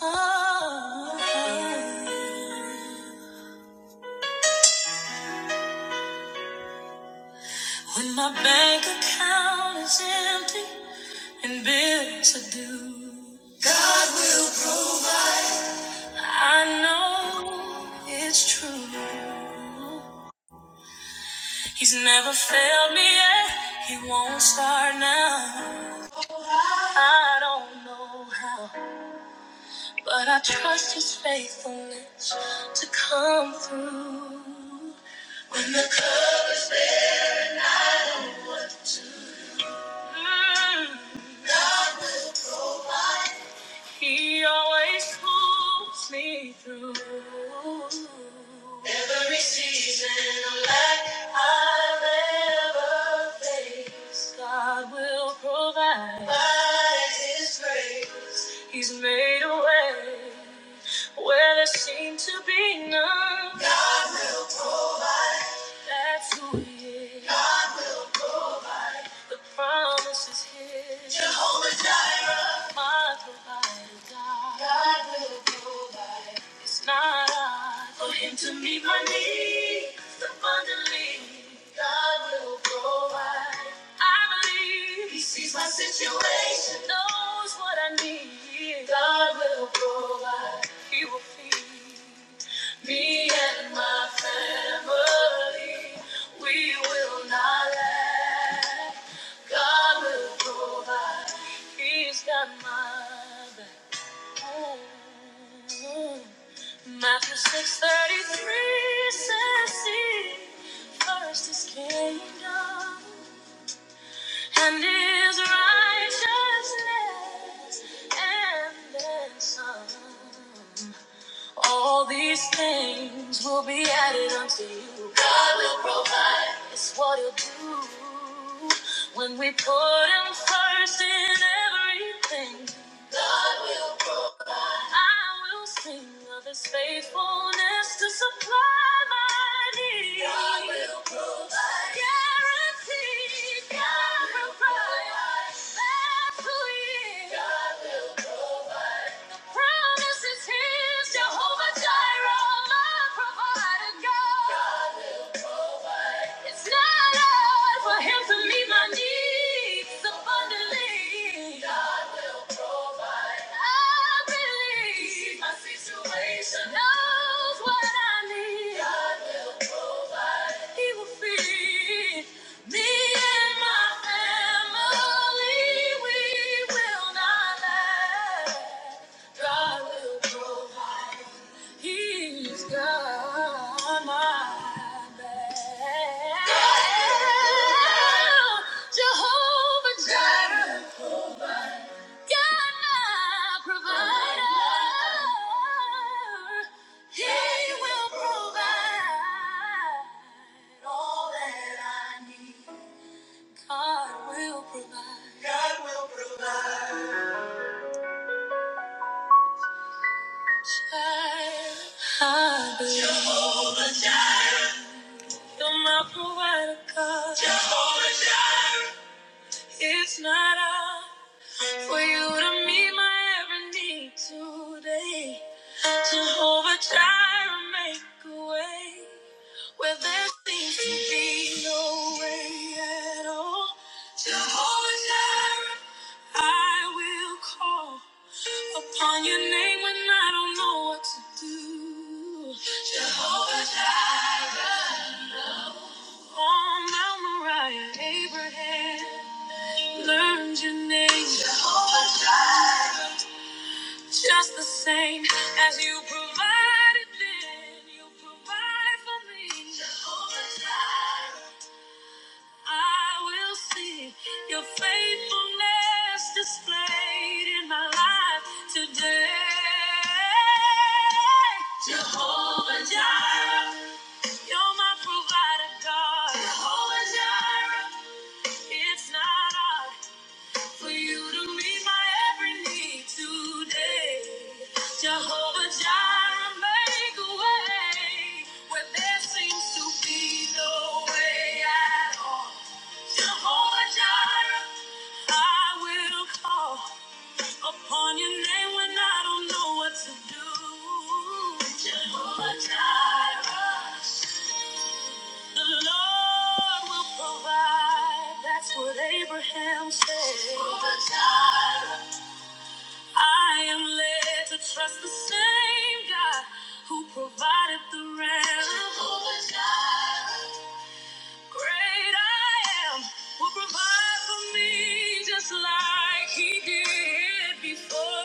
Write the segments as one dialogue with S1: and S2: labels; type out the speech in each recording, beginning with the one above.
S1: Oh, When my bank account is empty and bills are due, I know it's true. He's never failed me yet, he won't start now. I don't know how, but I trust his faithfulness to come through. When the cup He always pulls me through. Every season of life I've ever faced, God will provide. By His grace, He's made a way where there seemed to be none. God will provide. That's who He is. God will. The promise is here. Jehovah Jireh, my provider, God. God will provide. It's not hard for Him to meet my needs abundantly. God will provide. I believe He sees my situation, knows what I need. God will provide. He will feed. Me and my family, we will not lack. God will provide. He's got my back. Ooh. Matthew 6:33 says, "Seek first His kingdom." And his righteousness and on. All these things will be added unto you. God will provide. It's what he'll do when we put him first in everything. I will sing of his faithfulness to supply my needs. God will provide. Guaranteed. God, God will provide. That's who he is. God. Promise is his. Jehovah Jireh, my provider. God. God. It's not hard for him to meet my needs abundantly. God. I believe my situation knows what I need. God will provide. He will feed me and my family. We will not lack. God will provide. He's got my back. Jehovah Jireh. You're my provider. He will provide all that I need. God will provide. God will provide. Child, I believe. Jehovah Jireh. You're my provider, God. Jehovah Jireh. It's not hard for you to meet my every need today. Jehovah Jireh, make a way where there seems to be no way at all. Jehovah Jireh, I will call upon your name when I don't know what to do. On Mount Moriah, Abraham learned your name just the same as you provided then. You provide for me. Jehovah Jireh. I will see your faithfulness displayed in my life today. Jehovah Jireh, you're my provider, God. Jehovah Jireh, it's not hard for you to meet my every need today. Jehovah Jireh, make a way where there seems to be no way at all. Jehovah Jireh, I will call upon your name when I don't know what to do. Jehovah Jireh, the Lord will provide. That's what Abraham said. Jehovah Jireh, I am led to trust the same God who provided the ram. Jehovah Jireh. Great I am will provide for me just like he did before.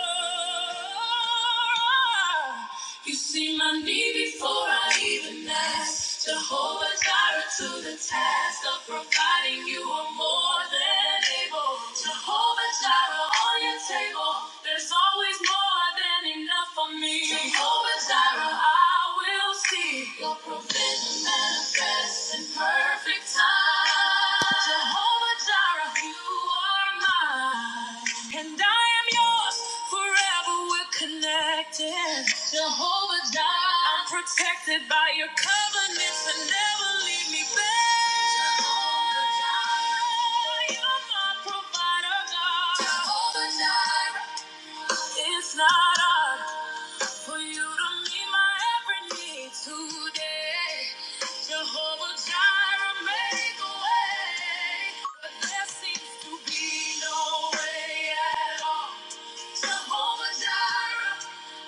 S1: You see my need before I even ask. Jehovah Jireh to the task of providing you are more than able. Jehovah Jehovah Jireh on your table. There's always more than enough for me. Jehovah Jireh, I will see your provision manifest in perfect time. Jehovah Jireh, you are mine, and I am yours forever. We're connected. Jehovah Jireh, I'm protected by your covenants and never leave me back. Jehovah Jireh. It's not hard for you to meet my every need today. Jehovah Jireh, make a way. But there seems to be no way at all. Jehovah Jireh,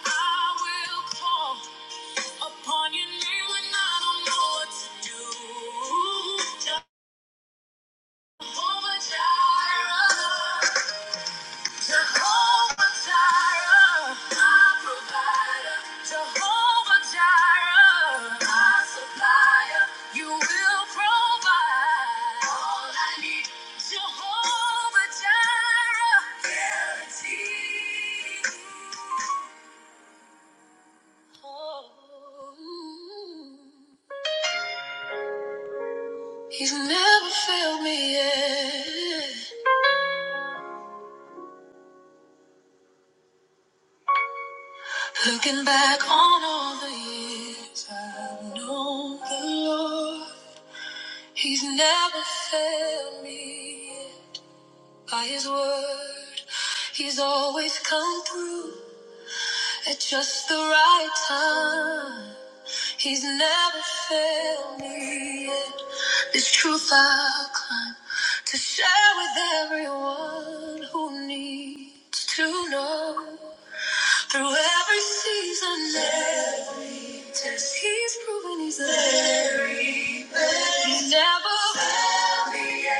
S1: I will call upon your name when I don't know what to do. Jehovah Jireh. Jehovah Jireh, my provider. Jehovah Jireh, my supplier. You will provide all I need. Jehovah Jireh, guaranteed. Oh, He's never failed me yet. Looking back on all the years I've known the Lord, He's never failed me by his word. He's always come through at just the right time. He's never failed me yet. This truth I'll climb to share with everyone who needs to know. Through every season, every test, he's proven he's there. He's never failed me yet.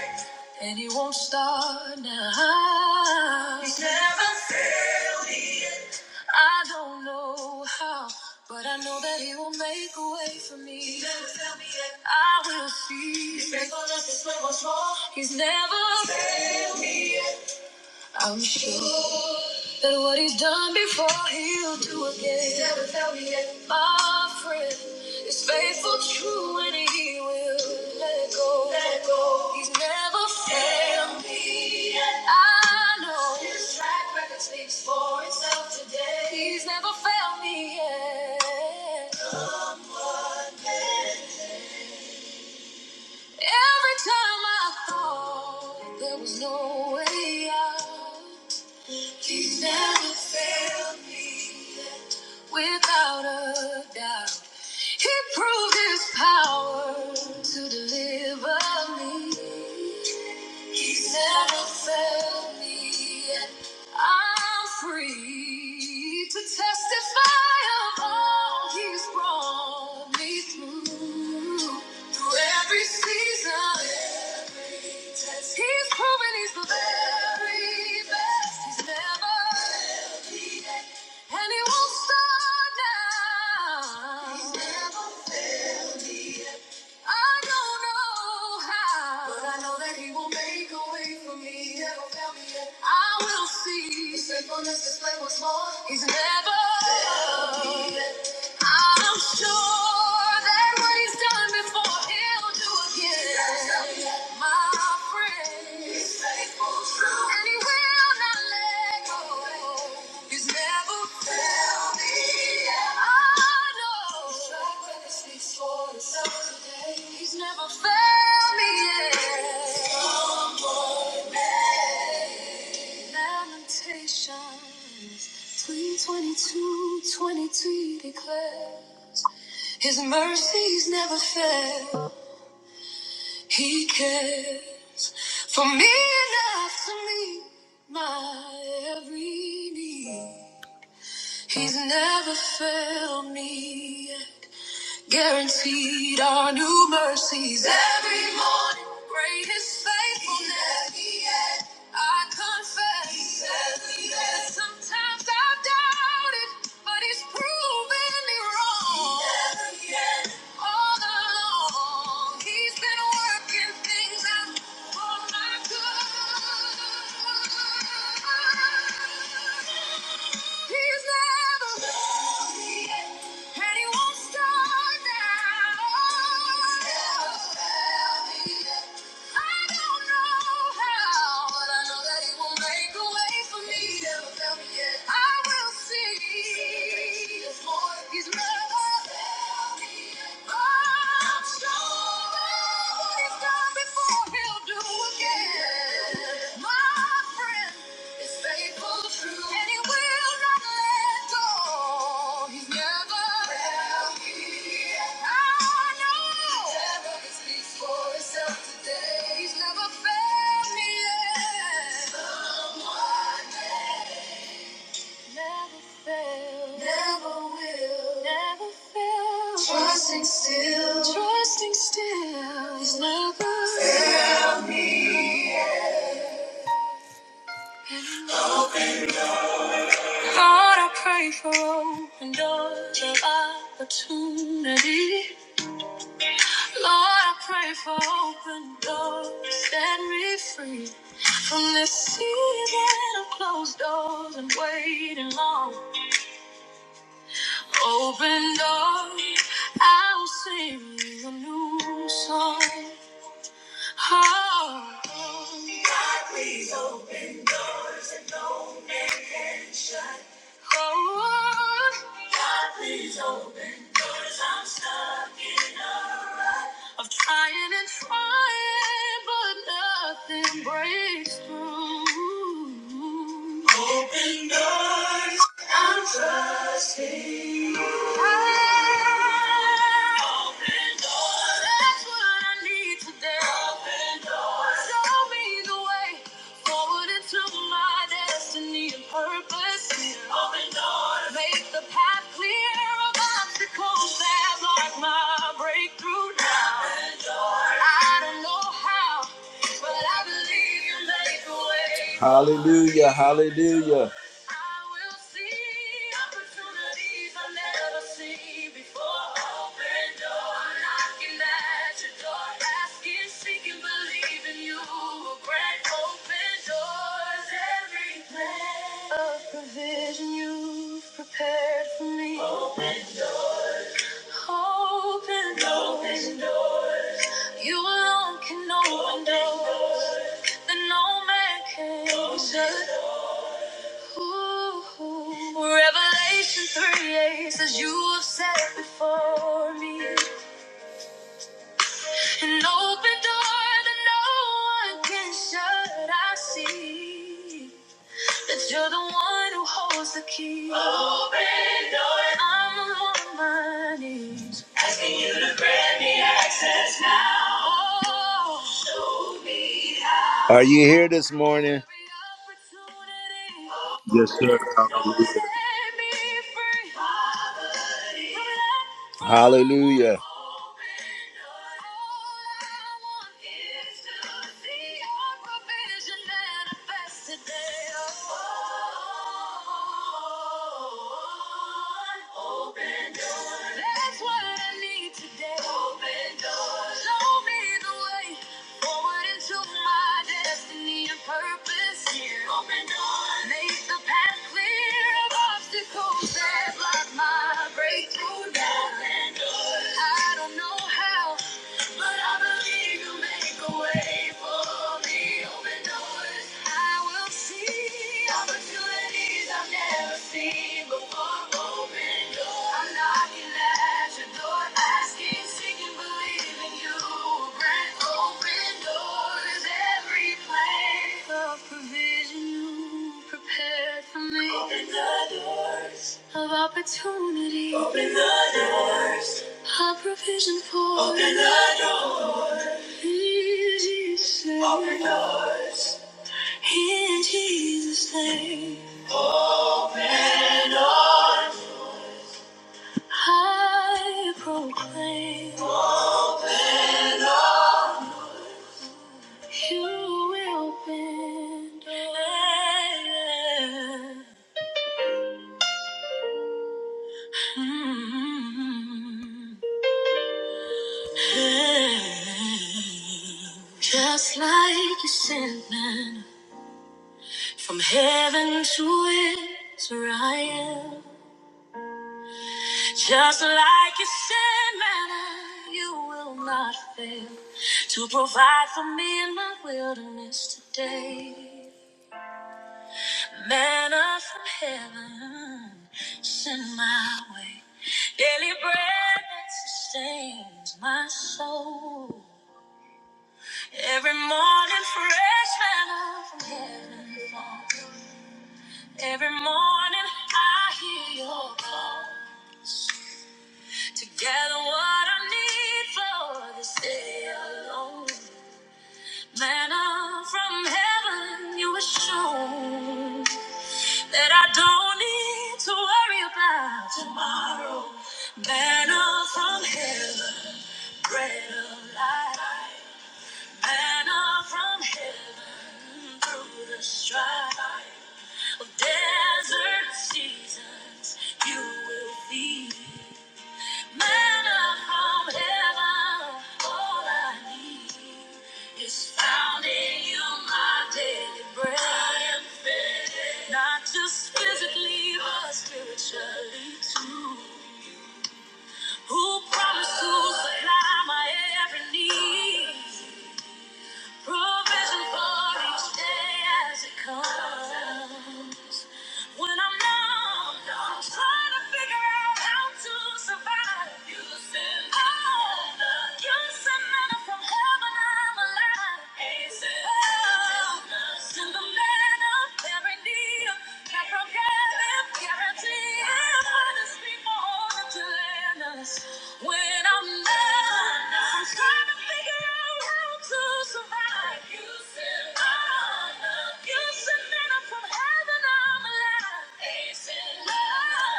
S1: And he won't start now. He's never failed me. yet. I don't know how, but I know that he will make a way for me. He's never failed me yet. I will see. He's faithful enough to show more. He's never failed me. yet. I'm sure that what he's done before he'll do again. He's never failed me yet. My friend is faithful, true, and he will let go. Let go. He's never failed me yet. I know his track record speaks for itself today. He's never failed me yet. Every time I thought there was no way out. He's never failed me yet, without a doubt. He proved his power to deliver me. He's never failed me yet. I'm free to testify of all he's brought me through. Through every season, he's proven he's the very best. He's never and it won't stop now. He's never failed me yet. I don't know how. But I know that he will make a way for me. He never failed me yet. I will see. His faithfulness display once more. He's never. failed me. I'm sure that what he's done before he'll do again. My friend, he's faithful, true, and he will not let go. He's never failed me. yet. I know. Shout when he speaks for himself today. He's never failed me yet. Lamentations 3:22, 23 declares. His mercies never fail. He cares for me enough to meet my every need. He's never failed me. yet. Guaranteed our new mercies every morning. Great is faithfulness. He at the end. I confess He is. He is. that sometimes I've doubted, but He's proven me wrong. He is. He is. All along, He's been working things out for my good. He's never failed, and he won't start now. He's never failed. I don't know how, but I know that He will make a way for me. never found me yet. I will see. He's never He's never found me yet. I'm sure what He's done before, He'll do again, my friend. It's faithful, true, and he will not let go. He's never left me. I know. Never speaks for himself today. He's never failed me yet. never failed. Never will. Never failed. Trusting still. Trusting still. He's never failed me. Lord, I pray for open doors of opportunity. Lord, I pray for open doors, set me free from this season of closed doors and waiting long. Open doors, I will sing you a new song. Oh. God, please open doors that no man can shut. Oh. God, please open doors. I'm stuck in a rut of trying and trying, but nothing breaks through. Open doors. I'm trusting. you. Open doors. Open doors. Show me the way forward into my destiny and purpose. Open doors. Make the path clear of obstacles that block my breakthrough now. Hallelujah, hallelujah. provision you've prepared for me. Oh. Open doors. You alone can open doors that no man can shut. Ooh. Revelation 3 8 says you have set before me an open door that no one can shut. I see. That you're the one who holds the key. Open doors. I'm on my knees. Asking you to grant me access now. Oh, show me how. Are you here this morning? Every opportunity.
S2: Yes, sir.
S1: Oh,
S2: Hallelujah.
S1: Set me free. Poverty. From Hallelujah. I don't know how, but I believe you make a way for me. Open doors, I will see opportunities I've never seen before. Open doors, I'm knocking at your door, asking, seeking, believing you. will Grant open doors, every place of provision you prepared for me. Open the doors of opportunity. Open the doors. A provision for Open the doors. In Jesus' name. Open doors. In Jesus' name. Open doors. I proclaim. Open doors. You will open doors. Mm. Just like you sent man from heaven to Israel. Just like you sent man, you will not fail to provide for me in my wilderness today. Manna from heaven, send my way. Daily bread that sustains my soul. Every morning, fresh manna from heaven falls. Every morning I hear your call to gather what I need for this day alone. Manna from heaven, you were shown that I don't need to worry about tomorrow. Manna from heaven, bread of life. Manna from heaven through the strife of desert seasons, you will feed. Manna from heaven, all I need is found in you, my daily bread. I am fed, not just physically, but spiritually too. Who promised to supply my every need? Provision for each day as it comes. When I'm numb, I'm trying to figure out how to survive. You send manna. Oh, you send manna from heaven, I'm alive. Hey, send Oh, manna. send the manna. When I'm mad, I'm trying to figure out how to survive. You send honor, you send manna from heaven.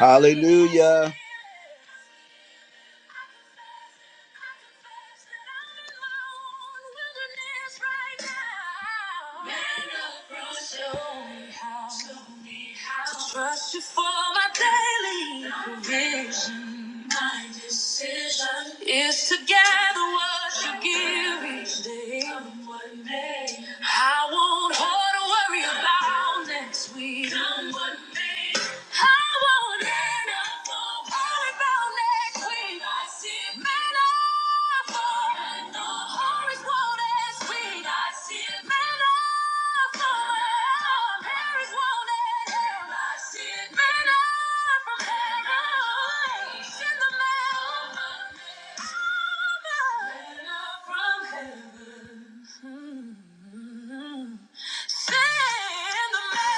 S1: I'm alive. Hallelujah. Trust you for my daily provision. My decision is to gather what you give each day. Come what may. I won't hold to worry about next week. Come what may. I won't end up. Send the man.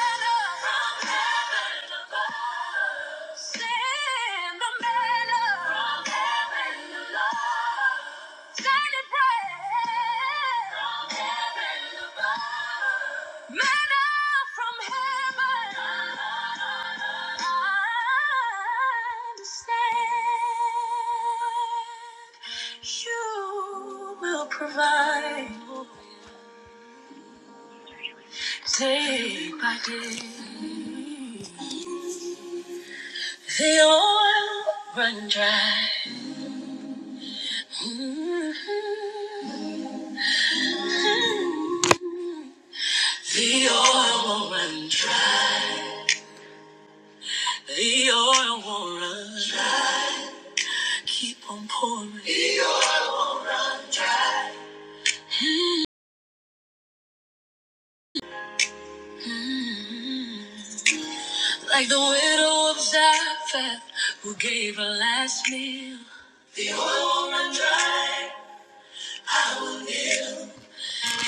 S1: You will Provide day by day. The oil run dry. Mm-hmm. The oil will not run dry. The oil will not run dry. Keep on pouring. Like the widow of Zarephath who gave her last meal.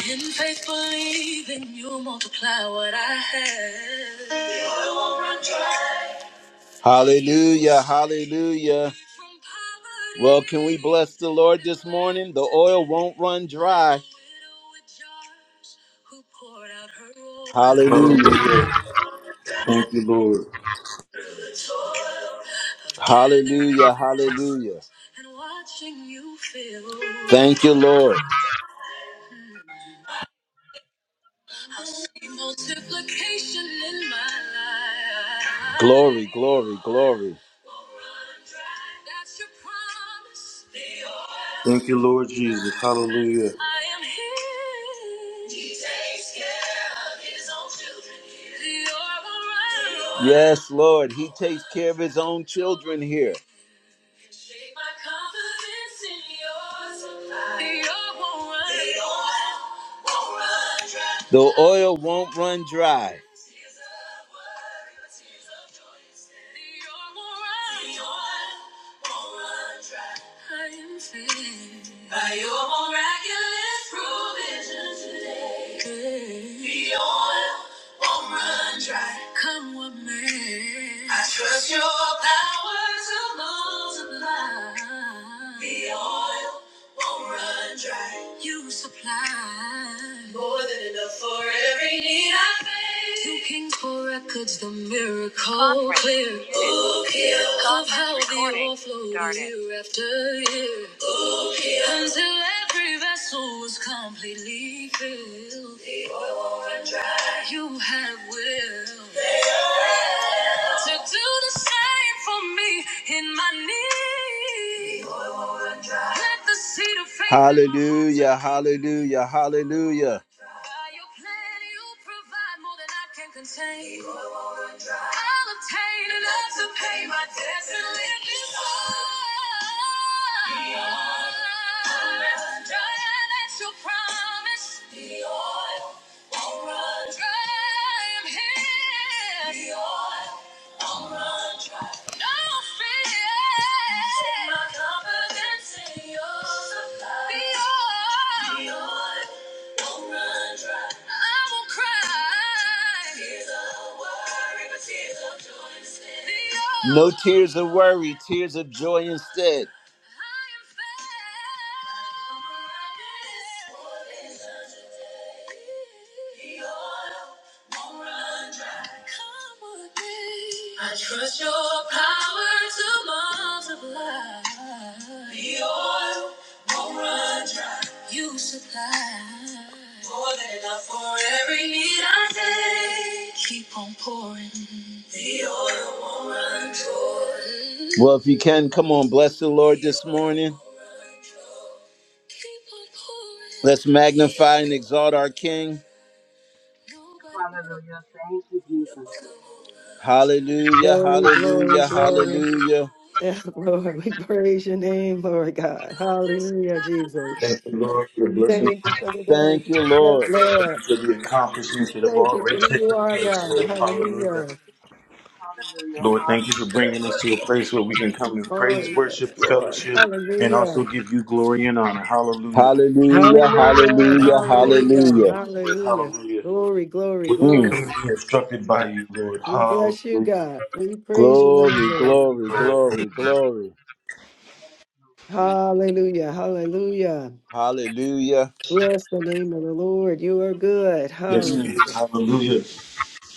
S1: In faith, believing you'll multiply what I have. The oil will not run dry. Hallelujah. Hallelujah. Well, can we bless the Lord this morning? The oil won't run dry. Hallelujah.
S2: Hallelujah. Thank you, Lord.
S1: Hallelujah. Hallelujah. Thank you, Lord. Glory, glory, glory.
S2: Thank you, Lord Jesus. Hallelujah.
S1: I am his. He takes care of his own children. here. You're alright. Yes, Lord, he takes care of his own children here. Shake my confidence in yours. You're alright. The oil won't run dry. The oil won't run dry. Tears of worry, but tears of joy instead. You're all right. The oil won't run dry. I am saved by your miraculous provision today. Good. The oil won't run dry. Come what may, I trust your power to multiply. The oil won't run dry. You supply more than enough for every need I face. Two kings for records, the miracle Conference clear. muted. Book here of how the Conference recording overflow started. year after year. Book here. Until every vessel was completely filled. The oil won't run dry. You have will to do the same for me in my need. Let the seed of faith Hallelujah, hallelujah, hallelujah. By your plan, you provide more than I can contain. I'll obtain enough to pay my debts and live this life. Beyond. Dry as your promise. Beyond. No tears of worry, tears of joy instead. I trust your power to multiply. The oil won't run dry. You supply more than enough for every need I take. Keep on pouring. Well, if you can, come on, bless the Lord this morning. Let's magnify and exalt our King.
S3: Hallelujah. Thank you, Jesus.
S1: Hallelujah,
S4: Glory, glory,
S1: hallelujah,
S4: glory.
S1: hallelujah.
S4: And praise your name, Lord God. Hallelujah, Jesus.
S2: Thank you, Lord, for the blessings.
S4: Thank you for the day.
S1: Thank you,
S4: Yes,
S1: Lord.
S2: Thank
S4: Lord.
S2: you for the accomplishments that have
S4: Thank you
S2: already
S4: for who you
S2: taken
S4: are,
S2: place,
S4: God.
S2: Lord. Hallelujah.
S4: Hallelujah.
S3: Hallelujah.
S2: Lord, thank you
S3: Hallelujah.
S2: for bringing us to a place where we can come and praise,
S4: Lord, yes,
S2: worship,
S4: Lord.
S2: fellowship, and
S4: Hallelujah.
S2: also give you glory and honor. Hallelujah.
S1: Hallelujah,
S4: Hallelujah.
S2: Thank
S1: hallelujah,
S2: you, Lord, for this
S4: Hallelujah.
S2: space,
S1: hallelujah.
S2: Lord.
S4: Hallelujah.
S2: Hallelujah.
S4: Glory, glory,
S2: Where we can
S1: Mm.
S2: come
S4: glory.
S2: and be instructed by you, Lord.
S4: We
S2: Hallelujah.
S4: bless you, God. We praise your name,
S1: Glory,
S2: Thank
S4: Lord.
S2: you,
S1: glory,
S2: Lord. Thank you.
S1: glory, glory.
S3: Yes, Lord. Thank you.
S4: Hallelujah. Hallelujah.
S1: Hallelujah.
S4: Bless the name of the Lord. You are good.
S2: Yes,
S4: Hallelujah.
S1: Mm.
S2: he is. Hallelujah.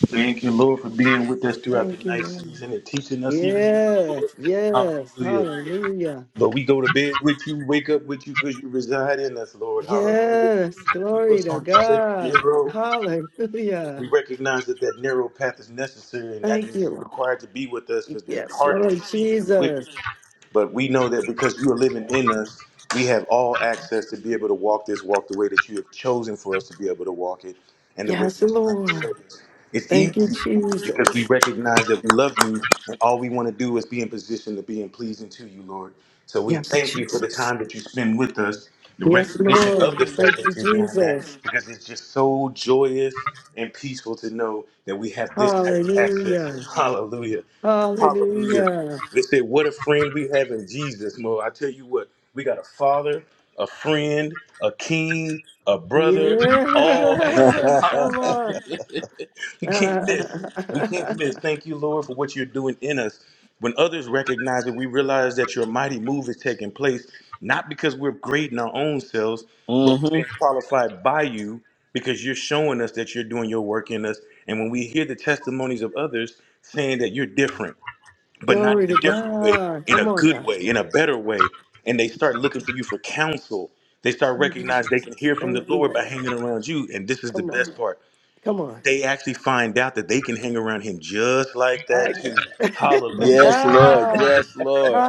S2: Thank you, Lord, for being with us throughout the
S4: Thank you,
S2: night
S4: Lord.
S2: season and teaching us even more,
S4: Yes,
S2: Lord.
S4: yes,
S2: Hallelujah.
S4: hallelujah.
S2: But we go to bed with you, wake up with you because you reside in us, Lord. Hallelujah.
S4: Yes,
S2: And keep
S4: glory
S2: us
S4: to
S2: on the straight and
S4: God.
S2: narrow.
S4: Hallelujah.
S2: We recognize that that narrow path is necessary, and that
S4: Thank
S2: means
S4: you,
S2: you're
S4: Lord.
S2: required to be with us because the
S4: Yes,
S2: heart is
S4: Lord
S2: deceitfully
S4: Jesus.
S2: wicked. But we know that because you are living in us, we have all access to be able to walk this walk the way that you have chosen for us to be able to walk it, and the way
S4: Yes,
S2: you're trying to show
S4: Lord.
S2: us. It's
S4: Thank you,
S2: easy because we
S4: Jesus.
S2: recognize that we love you, and all we want to do is be in position to be in pleasing to you, Lord. So we
S4: Yes,
S2: thank you for the
S4: Jesus.
S2: time that you spend with us, the
S4: Yes,
S2: recognition of
S4: Lord.
S2: the fact
S4: Thank
S2: that
S4: you,
S2: you're doing
S4: Jesus.
S2: that, because it's just so joyous and peaceful to know that we have this type of access.
S4: Hallelujah.
S2: Hallelujah. Hallelujah.
S4: Hallelujah.
S2: They say, What a friend we have in Jesus, Mo. I tell you what, we got a father, a friend, a king, a brother, all.
S4: Yeah,
S1: hmm
S4: come on.
S2: We can't miss. We can't miss. Thank you, Lord, for what you're doing in us. When others recognize it, we realize that your mighty move is taking place, not because we're great in our own selves, but we're being qualified by you because you're showing us that you're doing your work in us. And when we hear the testimonies of others saying that you're different, but not
S4: glory
S2: in a
S4: to
S2: different way,
S4: God.
S2: in a
S4: Come on now.
S2: good way, in a better way, and they start looking for you for counsel, they start
S4: Thank you,
S2: recognizing they can
S4: Jesus.
S2: hear from the
S4: Thank you,
S2: Lord by
S4: Lord.
S2: hanging around you. And this is the
S4: Come on.
S2: best part
S4: Come on.
S2: they actually find out that they can hang around him just like
S4: All right,
S2: that too.
S4: girl.
S2: Hallelujah.
S1: Yes, Lord.
S4: Ah,
S1: Yes, Lord.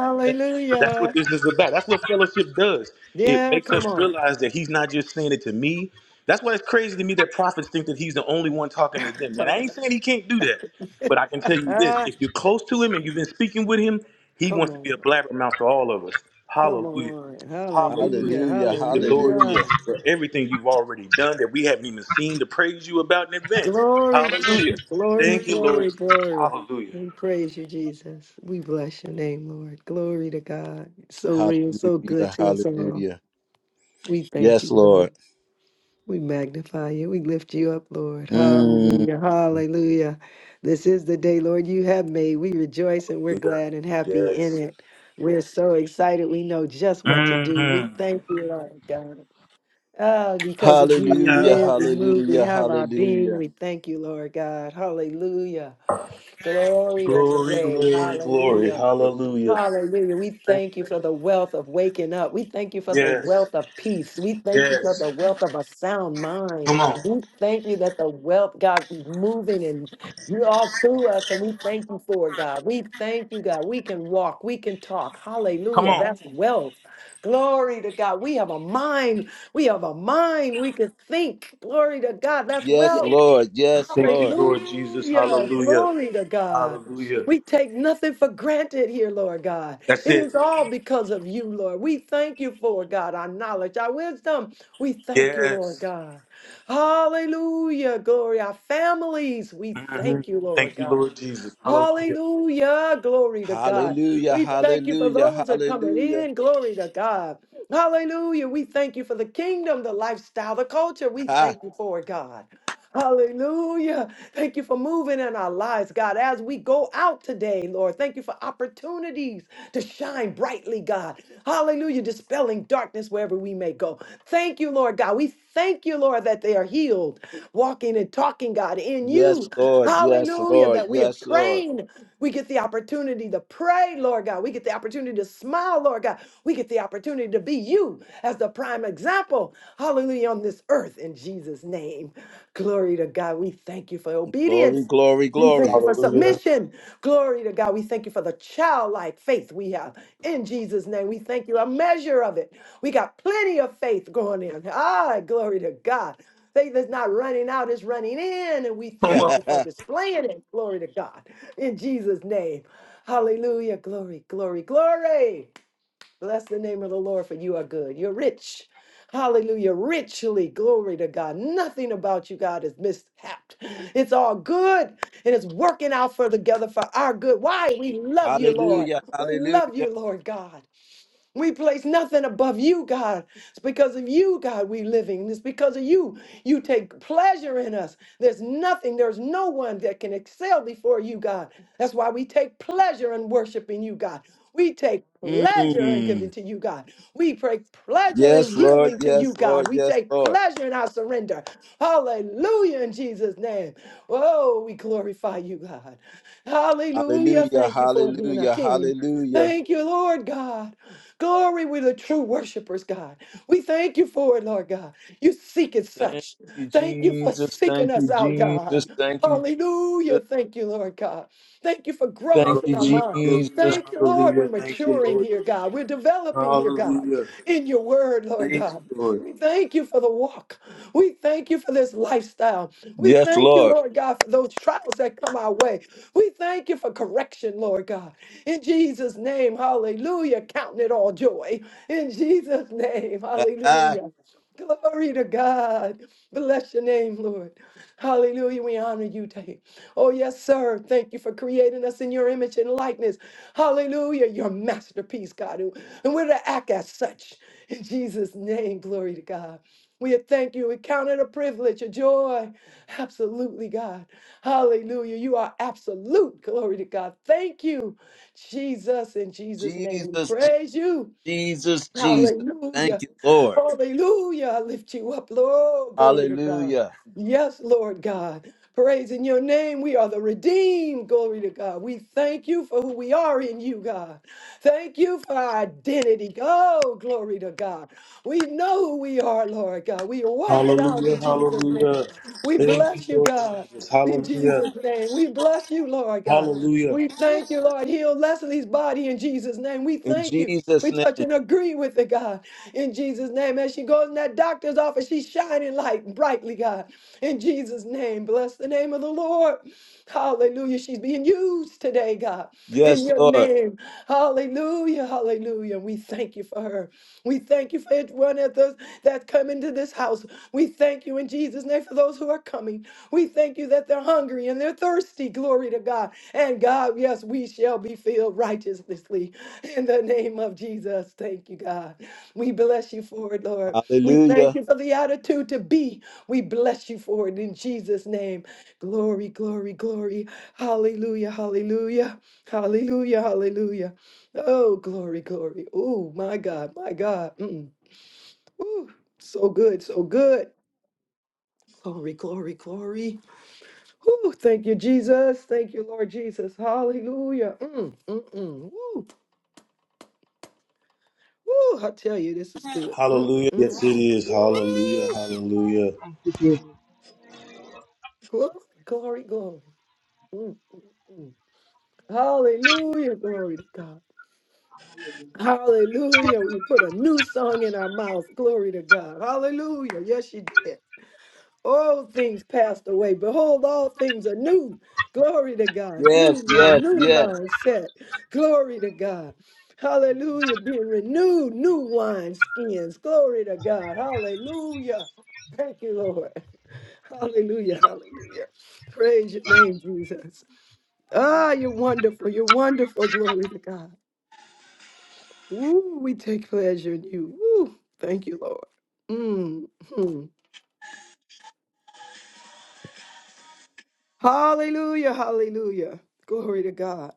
S2: That's what this is about. That's what fellowship does. It
S4: Yeah,
S2: makes
S4: come
S2: us
S4: on.
S2: realize that he's not just saying it to me. That's why it's crazy to me that prophets think that he's the only one talking to them. And
S4: Talk
S2: I ain't saying he can't do that.
S4: it.
S2: But I can tell you this
S4: ah,
S2: if you're close to him and you've been speaking with him, he
S4: come
S2: wants to
S4: on.
S2: be a blabbermouth to all of us.
S4: Come
S2: Hallelujah.
S4: on.
S2: Hallelujah.
S4: Hallelujah.
S1: Hallelujah.
S2: Thank you, Lord
S4: Hallelujah.
S1: Hallelujah.
S2: Jesus, for everything you've already done that we haven't even seen to praise you about in advance.
S4: Glory, to-
S2: Hallelujah.
S4: glory,
S2: Thank you, Lord
S4: glory,
S2: Jesus.
S4: glory.
S2: Hallelujah.
S4: We praise you, Jesus. We bless your name, Lord. Glory to God. So real, so good
S1: Hallelujah.
S4: to us all.
S1: Hallelujah.
S4: We thank
S1: Yes,
S4: you. Lord.
S1: Lord.
S4: We magnify you. We lift you up, Lord.
S1: Mm.
S4: Hallelujah. Hallelujah. This is the day, Lord, you have made. We rejoice and we're
S2: Yeah.
S4: glad and happy in
S2: Yes.
S4: it. We're so excited. We know just what to do.
S2: Mhm.
S4: We thank you, Lord God. Oh, because of you, we
S1: Hallelujah.
S4: live, we move, we
S1: Hallelujah.
S4: have our being.
S1: Hallelujah.
S4: We thank you, Lord God. Hallelujah. Glorious
S2: Glory,
S4: name.
S2: glory, glory.
S4: Hallelujah.
S2: Hallelujah.
S4: Hallelujah. We
S2: Thank-
S4: thank you for the wealth of waking up. We thank you for the
S2: Yes,
S4: wealth of peace. We thank you for
S2: yes.
S4: the wealth of a sound mind.
S2: Come on.
S4: We thank you that the wealth, God, is moving and you're all through us, and we thank you for it, God. We thank you, God. We can walk, we can talk.
S2: Come
S4: Hallelujah.
S2: on.
S4: That's wealth. Glory to God. We have a mind. We have a mind. We can think. Glory to God. That's
S1: Yes,
S4: wealth.
S1: Lord. Yes,
S2: Thank you,
S1: Lord.
S2: Lord Jesus.
S4: Hallelujah.
S2: Hallelujah.
S4: Glory to God.
S2: Hallelujah.
S4: We take nothing for granted here, Lord God.
S2: That's
S4: It
S2: it.
S4: is all because of you, Lord. We thank you for, God, our knowledge, our wisdom. We thank you, Lord
S2: Yes.
S4: God. Hallelujah. Glory. Our families, we
S2: hmm
S4: thank you, Lord
S2: Thank you,
S4: God.
S2: Lord Jesus. Hallelujah.
S4: Hallelujah. Glory to God.
S1: Hallelujah.
S4: We thank you for
S1: Hallelujah.
S4: those that are coming
S1: Hallelujah.
S4: in. Glory to God. Hallelujah. We thank you for the kingdom, the lifestyle, the culture. We
S1: Ha.
S4: thank you for it, God. Hallelujah. Thank you for moving in our lives, God, as we go out today, Lord. Thank you for opportunities to shine brightly, God. Hallelujah. Dispelling darkness wherever we may go. Thank you, Lord God. We thank you, Lord, that they are healed, walking and talking, God, in
S1: Yes,
S4: you.
S1: Lord. Yes,
S4: Hallelujah.
S1: Lord.
S4: That we are
S1: Yes, Lord.
S4: praying. We get the opportunity to pray, Lord God. We get the opportunity to smile, Lord God. We get the opportunity to be you as the prime example. Hallelujah. On this earth in Jesus' name. Glory to God. We thank you for
S1: Glory,
S4: obedience.
S1: glory,
S4: We thank you
S1: glory.
S4: for
S2: Hallelujah.
S4: submission. Glory to God. We thank you for the childlike faith we have in Jesus' name. We thank you a measure of it. We got plenty of faith going in. Ah, glory to God. Faith is not running out, it's running in. And we
S2: Come
S4: thank
S2: on.
S4: you for displaying it. Glory to God. In Jesus' name. Hallelujah. Glory, glory, glory. Bless the name of the Lord, for you are good. You're rich. Hallelujah. Richly. Glory to God. Nothing about you, God, is mishapped. It's all good and it's working out for together for our good. Why? We love you, Lord.
S1: hallelujah.
S4: We love
S1: Hallelujah.
S4: you, Lord God. We place nothing above you, God. It's because of you, God, we living. It's because of you. You take pleasure in us. There's nothing, there's no one that can excel before you, God. That's why we take pleasure in worshiping you, God. We take pleasure in
S1: Mm.
S4: giving to you, God. We take pleasure in
S1: Yes, Lord.
S4: yielding to you,
S1: Yes,
S4: God.
S1: Lord.
S4: We
S1: Yes,
S4: take
S1: Lord.
S4: pleasure in our surrender. Hallelujah in Jesus' name. Oh, we glorify you, God. Hallelujah.
S1: Hallelujah.
S4: Thank you for being our
S1: Hallelujah.
S4: King.
S1: Hallelujah.
S4: Thank you, Lord God. Glory, we're the true worshipers, God. We thank you for it, Lord God. You seek it
S1: Thank
S4: such.
S1: you,
S4: Thank you for
S1: Jesus.
S4: seeking
S1: Thank you,
S4: us out, God.
S1: Jesus. Thank you,
S4: Hallelujah.
S1: Jesus.
S4: Thank you, Lord God. Thank you for
S1: Thank
S4: growth in
S1: you,
S4: our
S2: Hallelujah.
S4: mind.
S1: Jesus.
S2: Hallelujah.
S4: Thank you, Lord. We're
S2: Hallelujah. Thank you,
S4: maturing
S2: Lord.
S4: here,
S2: Jesus.
S4: God. We're developing here, God,
S2: Hallelujah.
S4: in your word, Lord
S2: Thank you,
S4: God.
S2: Lord.
S4: We thank you for the walk. We thank you for this lifestyle. We
S1: Yes,
S4: thank you,
S1: Lord.
S4: Lord God, for those trials that come our way. We thank you for correction, Lord God. In Jesus' name, hallelujah. Counting it all joy. In Jesus' name,
S1: Ah,
S4: hallelujah. Glory to God. Bless your name, Lord. Hallelujah. We honor you today. Oh, yes, sir. Thank you for creating us in your image and likeness. Hallelujah. Your masterpiece, God. And we're to act as such. In Jesus' name, glory to God. We thank you. We count it a privilege, a joy. Absolutely, God. Hallelujah. You are absolute. Glory to God. Thank you. Jesus, in Jesus' name, we
S1: Jesus, Je-
S4: praise you.
S1: Jesus, Jesus.
S4: Hallelujah.
S1: Thank you, Lord.
S4: Hallelujah. I lift you up, Lord. Glory to God.
S1: Hallelujah.
S4: Yes, Lord God. Praise in your name. We are the redeemed. Glory to God. We thank you for who we are in you, God. Thank you for our identity. Oh, glory to God. We know who we are, Lord God. We walk it out
S2: Hallelujah.
S4: in Jesus' name.
S2: Hallelujah.
S4: We
S2: Thank you,
S4: bless you,
S2: Lord
S4: God.
S2: Jesus.
S4: In
S2: Hallelujah.
S4: Jesus' name, we bless you, Lord God.
S2: Hallelujah.
S4: We thank you, Lord. Heal Leslie's body in Jesus' name. We
S1: In
S4: thank you.
S1: Jesus'
S4: We touch
S1: name.
S4: and agree with it, God in Jesus' name. As she goes in that doctor's office, she's shining light brightly, God, in Jesus' name. Bless the name of the Lord. Hallelujah. She's being used today, God, in
S1: Yes,
S4: your
S1: Lord.
S4: name. Hallelujah. Hallelujah. We thank you for her. We thank you for each one of those that come into this house. We thank you in Jesus' name for those who are coming. We thank you that they're hungry and they're thirsty. Glory to God. And God, yes, we shall be filled righteously in the name of Jesus. Thank you, God. We bless you for it, Lord. We thank
S1: Hallelujah.
S4: you for the attitude to be. We bless you for it in Jesus' name. Glory, glory, glory. Hallelujah, hallelujah, hallelujah, hallelujah. Oh, glory, glory. Oh, my God, my God. Mm. Ooh, so good, so good. Glory, glory, glory. Ooh, thank you, Jesus. Thank you, Lord Jesus. Hallelujah. Mm, mm, mm. Ooh, ooh, I tell you, this is good. Mm, mm,
S2: Hallelujah. Yes,
S4: mm.
S2: it is. Hallelujah.
S4: Ooh,
S2: Hallelujah.
S3: Thank you, Jesus.
S4: glory, glory, glory. Mm, mm, mm. Hallelujah. Glory to God.
S3: Hallelujah.
S4: Hallelujah. We put a new song in our mouth. Glory to God. Hallelujah. Yes, you did. All things passed away. Behold, all things are new. Glory to God. New
S1: Yes,
S4: man,
S1: yes,
S4: new
S1: yes.
S4: mindset. Glory to God. Hallelujah. Being renewed, new wine skins. Glory to God. Hallelujah. Thank you, Lord. Hallelujah. Hallelujah. Praise your name, Jesus.
S3: Amen.
S4: Ah, you're wonderful. You're wonderful. Glory to God. Ooh, we take pleasure in you. Ooh, thank you, Lord. Mm, hmm. Hallelujah. Hallelujah. Glory to God.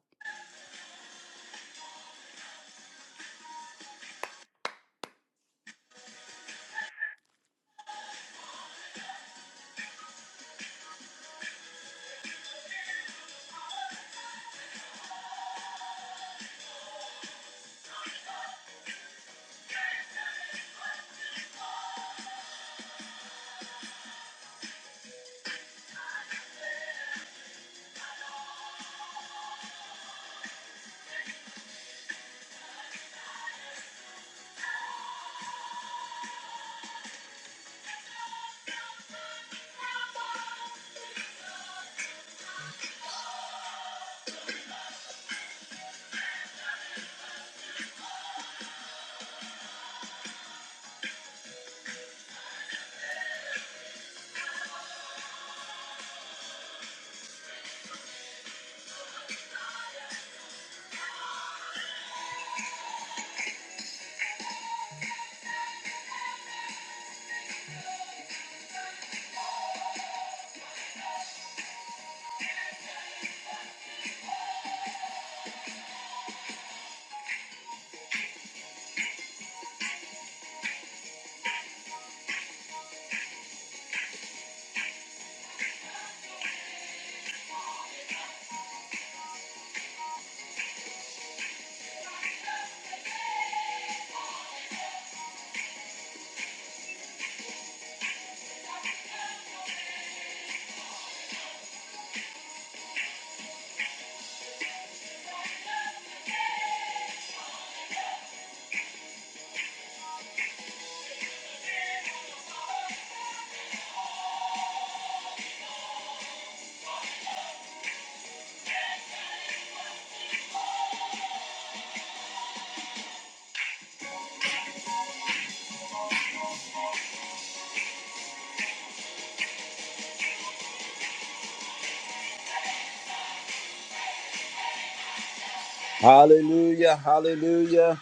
S1: Hallelujah. Hallelujah.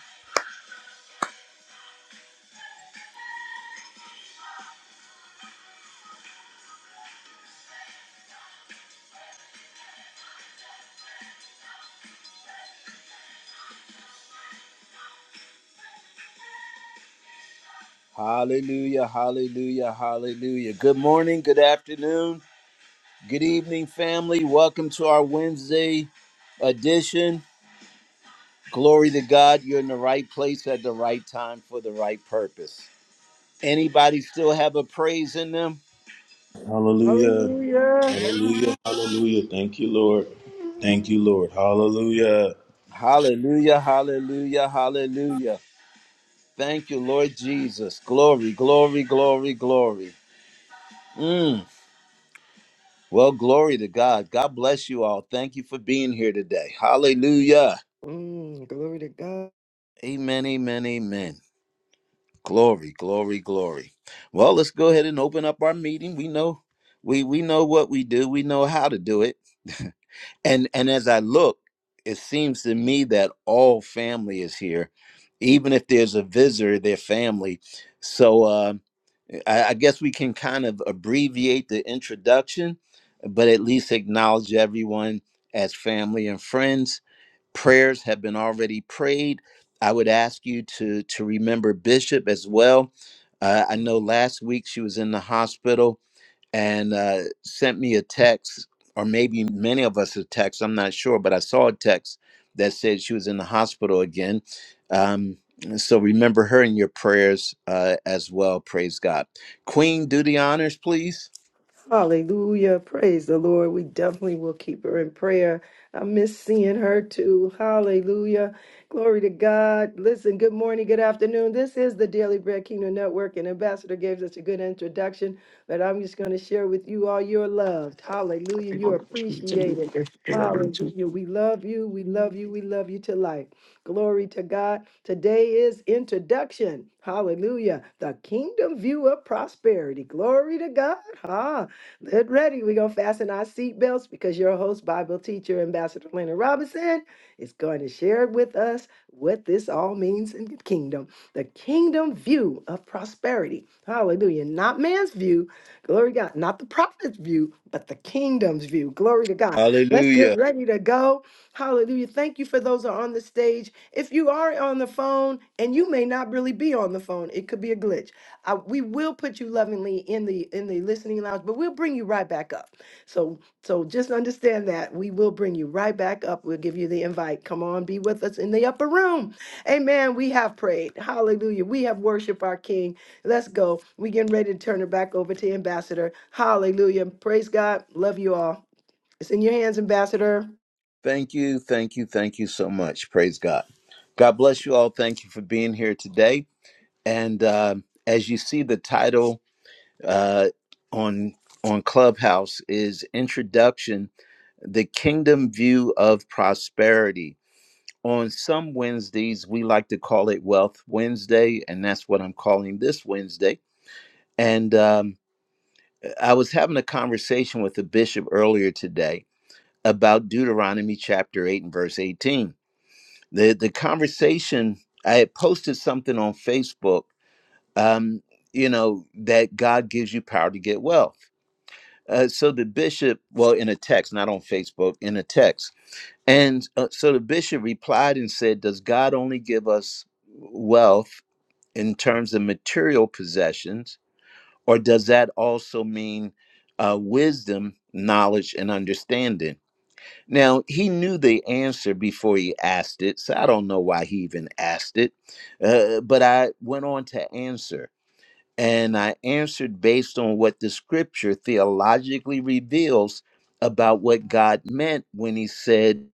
S1: Hallelujah, hallelujah, hallelujah. Good morning, good afternoon, good evening, family. Welcome to our Wednesday edition. Glory to God, you're in the right place at the right time for the right purpose. Anybody still have a praise in them?
S2: Hallelujah.
S4: Hallelujah.
S2: Hallelujah. Hallelujah. Thank you, Lord. Thank you, Lord. Hallelujah.
S1: Hallelujah, hallelujah, hallelujah. Thank you, Lord Jesus. Glory, glory, glory, glory. Mm. Well, glory to God. God bless you all. Thank you for being here today. Hallelujah.
S4: Mm, glory to God.
S1: Amen, amen, amen. Glory, glory, glory. Well, let's go ahead and open up our meeting. We know we we know what we do. We know how to do it. And and as I look, it seems to me that all family is here, even if there's a visitor, their family. So uh, I, I guess we can kind of abbreviate the introduction, but at least acknowledge everyone as family and friends prayers have been already prayed. I would ask you to to remember Bishop as well. Uh, I know last week she was in the hospital and uh, sent me a text, or maybe many of us a text. I'm not sure, but I saw a text that said she was in the hospital again. Um, so remember her in your prayers uh, as well. Praise God. Queen, do the honors, please.
S4: Hallelujah. Praise the Lord. We definitely will keep her in prayer. I miss seeing her too. Hallelujah. Glory to God. Listen, good morning, good afternoon. This is the Daily Bread Kingdom Network, and Ambassador gave us a good introduction, but I'm just going to share with you all you're loved. Hallelujah. You're appreciated. Hallelujah. We love you. We love you. We love you to life. Glory to God. Today is introduction. Hallelujah. The kingdom view of prosperity. Glory to God. Ha. Get ready. We're going to fasten our seatbelts because your host, Bible teacher, Ambassador Leonard Robinson, is going to share with us what this all means in the kingdom. The kingdom view of prosperity. Hallelujah. Not man's view. Glory to God. Not the prophet's view, but the kingdom's view. Glory to God. Let's get
S1: Hallelujah.
S4: ready to go. Hallelujah. Thank you for those who are on the stage. If you are on the phone, and you may not really be on the phone, it could be a glitch. I, we will put you lovingly in the in the listening lounge, but we'll bring you right back up. So so just understand that we will bring you right back up. We'll give you the invite. Come on, be with us in the upper room. Amen. We have prayed. Hallelujah. We have worshiped our King. Let's go. We getting ready to turn it back over to Ambassador. Hallelujah. Praise God. Love you all. It's in your hands, Ambassador.
S1: Thank you, thank you, thank you so much. Praise God. God bless you all. Thank you for being here today. And uh, as you see, the title uh, on on Clubhouse is Introduction: The Kingdom View of Prosperity. On some Wednesdays, we like to call it Wealth Wednesday, and that's what I'm calling this Wednesday. And um, I was having a conversation with the bishop earlier today about Deuteronomy chapter 8 and verse 18 the the conversation i had posted something on facebook um you know that god gives you power to get wealth uh, so the bishop well in a text not on facebook in a text and uh, so the bishop replied and said does god only give us wealth in terms of material possessions or does that also mean uh, wisdom knowledge and understanding now, he knew the answer before he asked it, so I don't know why he even asked it. Uh, but I went on to answer, and I answered based on what the scripture theologically reveals about what God meant when he said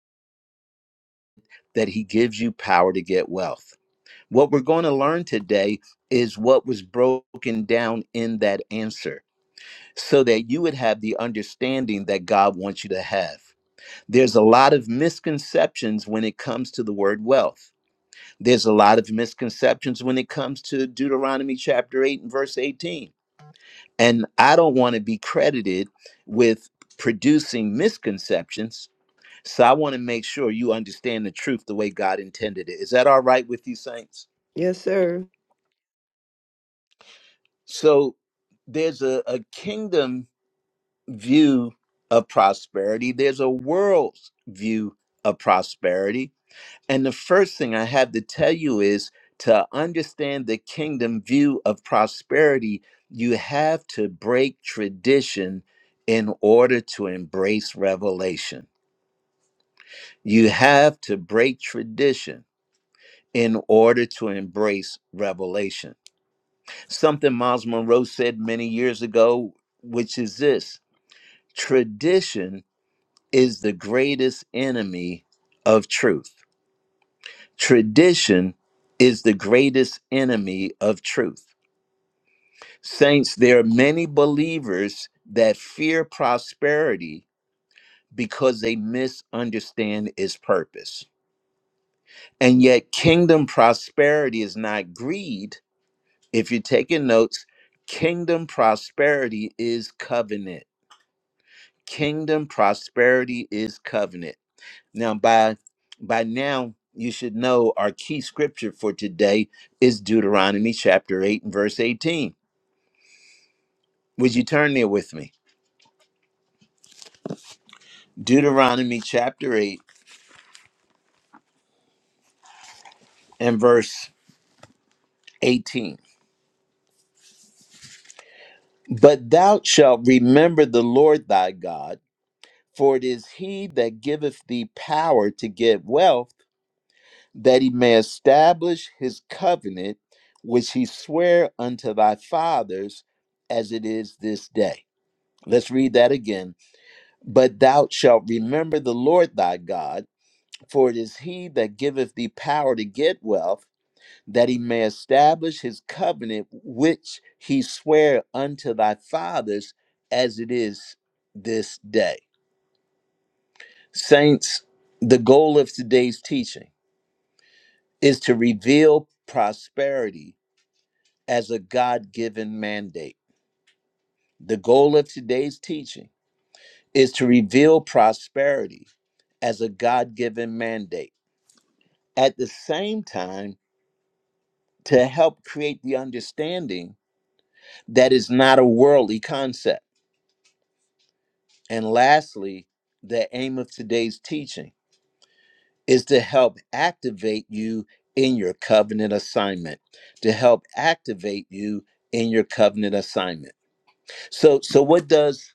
S1: that he gives you power to get wealth. What we're going to learn today is what was broken down in that answer so that you would have the understanding that God wants you to have. There's a lot of misconceptions when it comes to the word wealth. There's a lot of misconceptions when it comes to Deuteronomy chapter 8 and verse 18. And I don't want to be credited with producing misconceptions. So I want to make sure you understand the truth the way God intended it. Is that all right with you, saints?
S4: Yes, sir.
S1: So there's a, a kingdom view of prosperity, there's a world's view of prosperity And the first thing I have to tell you is to understand the kingdom view of prosperity, you have to break tradition in order to embrace revelation. You have to break tradition in order to embrace revelation. Something Miles Monroe said many years ago, which is this tradition is the greatest enemy of truth Tradition is the greatest enemy of truth. Saints, there are many believers that fear prosperity because they misunderstand its purpose. And yet, kingdom prosperity is not greed. If you're taking notes, kingdom prosperity is covenant. Kingdom prosperity is covenant. Now, by by now, you should know our key scripture for today is Deuteronomy chapter 8 and verse 18. Would you turn there with me? Deuteronomy chapter 8 and verse 18. But thou shalt remember the Lord thy God, for it is he that giveth thee power to get wealth, that he may establish his covenant, which he sware unto thy fathers, as it is this day. Let's read that again But thou shalt remember the Lord thy God, for it is he that giveth thee power to get wealth, that he may establish his covenant which he sware unto thy fathers as it is this day. Saints, the goal of today's teaching is to reveal prosperity as a God given mandate. The goal of today's teaching is to reveal prosperity as a God given mandate at the same time to help create the understanding that is not a worldly concept. And lastly, the aim of today's teaching is to help activate you in your covenant assignment, to help activate you in your covenant assignment. So so what does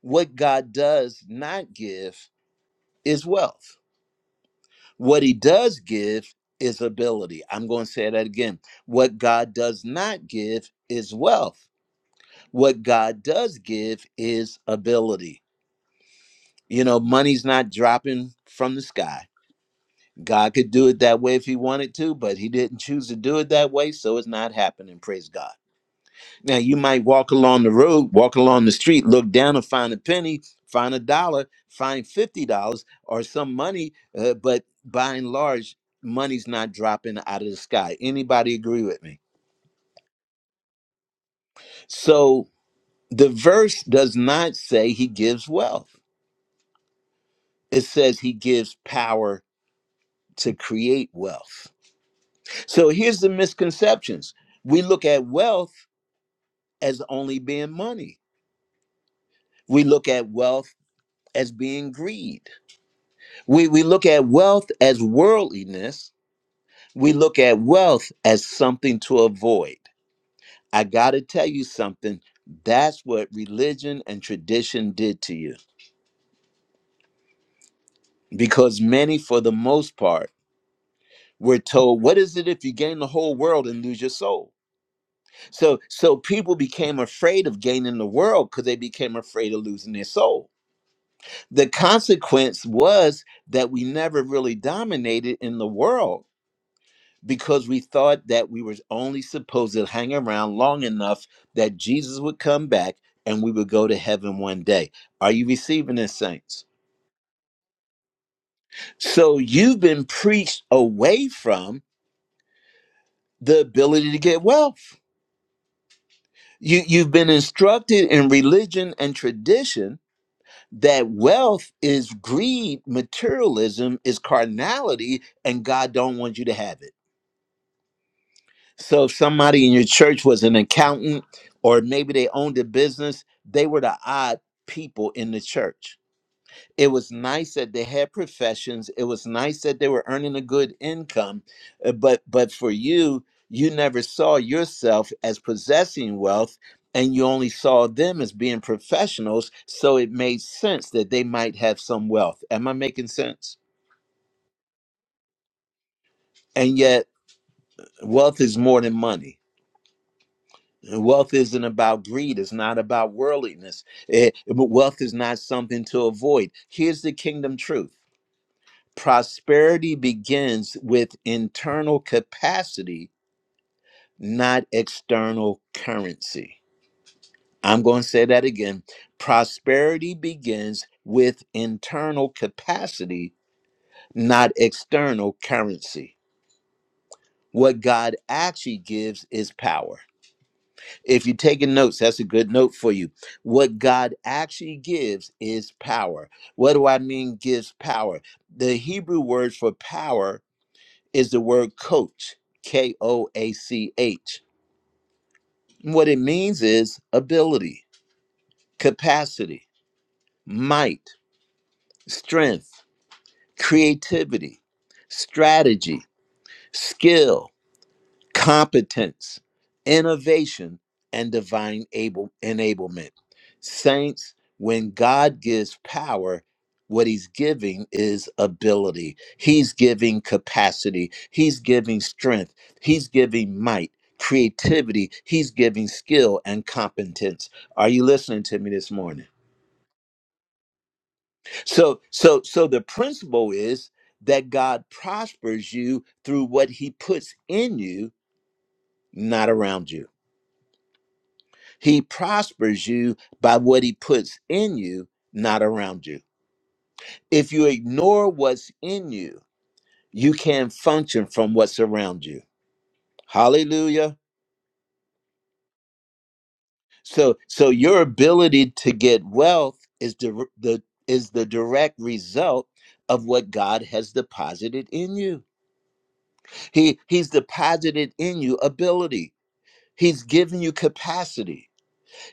S1: what God does not give is wealth. What he does give is ability. I'm going to say that again. What God does not give is wealth What God does give is ability. You know, money's not dropping from the sky. God could do it that way if he wanted to, but he didn't choose to do it that way, so it's not happening. Praise God. Now, you might walk along the road, walk along the street, look down and find a penny, find a dollar, find $50 or some money, uh, but by and large, money's not dropping out of the sky. Anybody agree with me? So, the verse does not say he gives wealth. it says he gives power to create wealth. So here's the misconceptions. We look at wealth as only being money. We look at wealth as being greed. We we look at wealth as worldliness. We look at wealth as something to avoid. I got to tell you something. That's what religion and tradition did to you because many for the most part were told what is it if you gain the whole world and lose your soul? So so people became afraid of gaining the world because they became afraid of losing their soul. The consequence was that we never really dominated in the world because we thought that we were only supposed to hang around long enough that Jesus would come back and we would go to heaven one day. Are you receiving this, saints? So you've been preached away from the ability to get wealth. You, you've been instructed in religion and tradition that wealth is greed, materialism is carnality, and God don't want you to have it. So if somebody in your church was an accountant or maybe they owned a business, they were the odd people in the church it was nice that they had professions. It was nice that they were earning a good income. uh, But but for you, you never saw yourself as possessing wealth and you only saw them as being professionals, so it made sense that they might have some wealth. Am I making sense? And yet, wealth is more than money. Wealth isn't about greed. It's not about worldliness. Eh, but wealth is not something to avoid. Here's the kingdom truth. Prosperity begins with internal capacity, not external currency. I'm going to say that again. Prosperity begins with internal capacity, not external currency. What God actually gives is power. If you're taking notes, that's a good note for you. What God actually gives is power. What do I mean gives power? The Hebrew word for power is the word coach, K O A C H. What it means is ability, capacity, might, strength, creativity, strategy, skill, competence, innovation, and divine able enablement. Saints, when God gives power, what he's giving is ability. He's giving capacity. He's giving strength. He's giving might, creativity. He's giving skill and competence. Are you listening to me this morning? So so so the principle is that God prospers you through what he puts in you, not around you. He prospers you by what he puts in you, not around you. If you ignore what's in you, you can't function from what's around you. Hallelujah. So so your ability to get wealth is the, the is the direct result of what God has deposited in you. He he's deposited in you ability. He's given you capacity.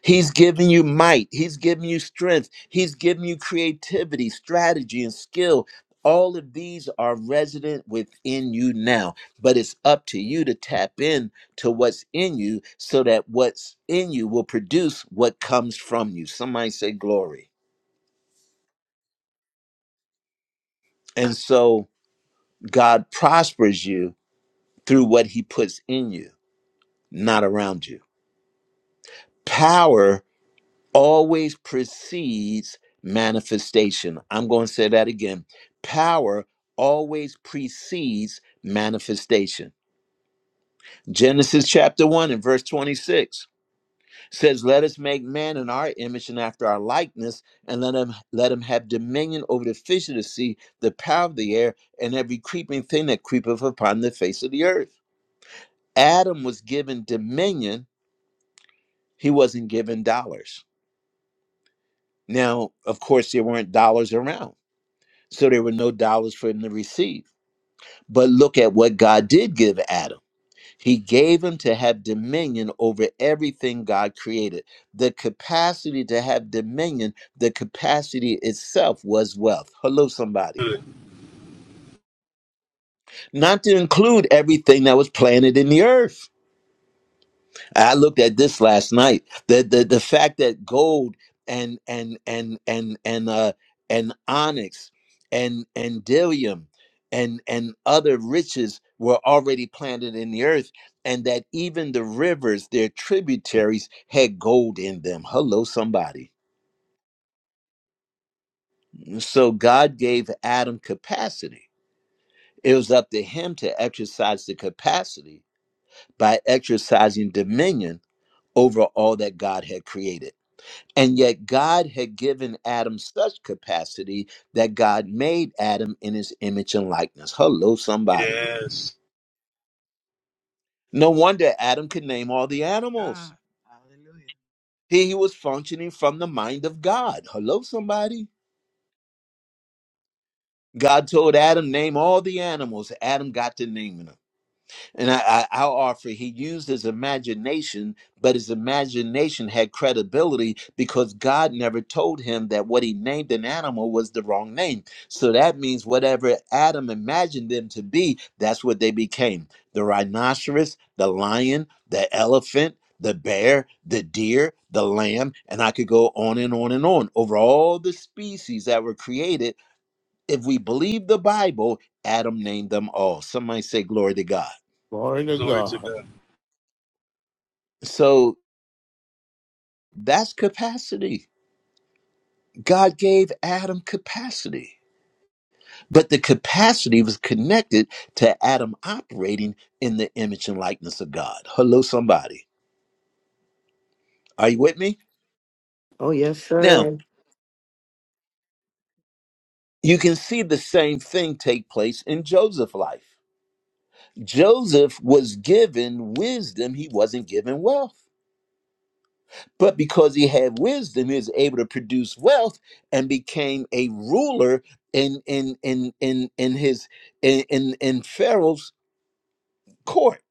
S1: He's giving you might. He's giving you strength. He's giving you creativity, strategy, and skill. All of these are resident within you now, but it's up to you to tap in to what's in you so that what's in you will produce what comes from you. Somebody say glory. And so God prospers you through what he puts in you, not around you. Power always precedes manifestation. I'm going to say that again. Power always precedes manifestation. Genesis chapter 1 and verse 26 says, Let us make man in our image and after our likeness, and let him let him have dominion over the fish of the sea, the power of the air, and every creeping thing that creepeth upon the face of the earth. Adam was given dominion, he wasn't given dollars. Now, of course, there weren't dollars around So there were no dollars for him to receive. But look at what God did give Adam. He gave him to have dominion over everything God created. The capacity to have dominion, the capacity itself was wealth. Hello, somebody. Not to include everything that was planted in the earth. I looked at this last night. The the the fact that gold and and and and and uh and onyx and and dillium and and other riches were already planted in the earth and that even the rivers their tributaries had gold in them hello somebody so god gave adam capacity it was up to him to exercise the capacity by exercising dominion over all that god had created And yet, God had given Adam such capacity that God made Adam in his image and likeness. Hello, somebody.
S2: Yes.
S1: No wonder Adam could name all the animals.
S5: God. Hallelujah.
S1: He, he was functioning from the mind of God. Hello, somebody. God told Adam, name all the animals. Adam got to naming them. And I, I, I'll offer he used his imagination, but his imagination had credibility because God never told him that what he named an animal was the wrong name. So that means whatever Adam imagined them to be, that's what they became the rhinoceros, the lion, the elephant. The bear, the deer, the lamb, and I could go on and on and on over all the species that were created. If we believe the Bible, Adam named them all. Somebody say, Glory to God.
S6: Glory to
S2: Glory to
S6: God.
S2: God.
S1: So that's capacity. God gave Adam capacity, but the capacity was connected to Adam operating in the image and likeness of God. Hello, somebody. Are you with me?
S4: Oh, yes,
S1: Now,
S4: sir.
S1: you can see the same thing take place in Joseph's life. Joseph was given wisdom, he wasn't given wealth. but because he had wisdom he was able to produce wealth and became a ruler in in in in in his in in, in pharaoh's court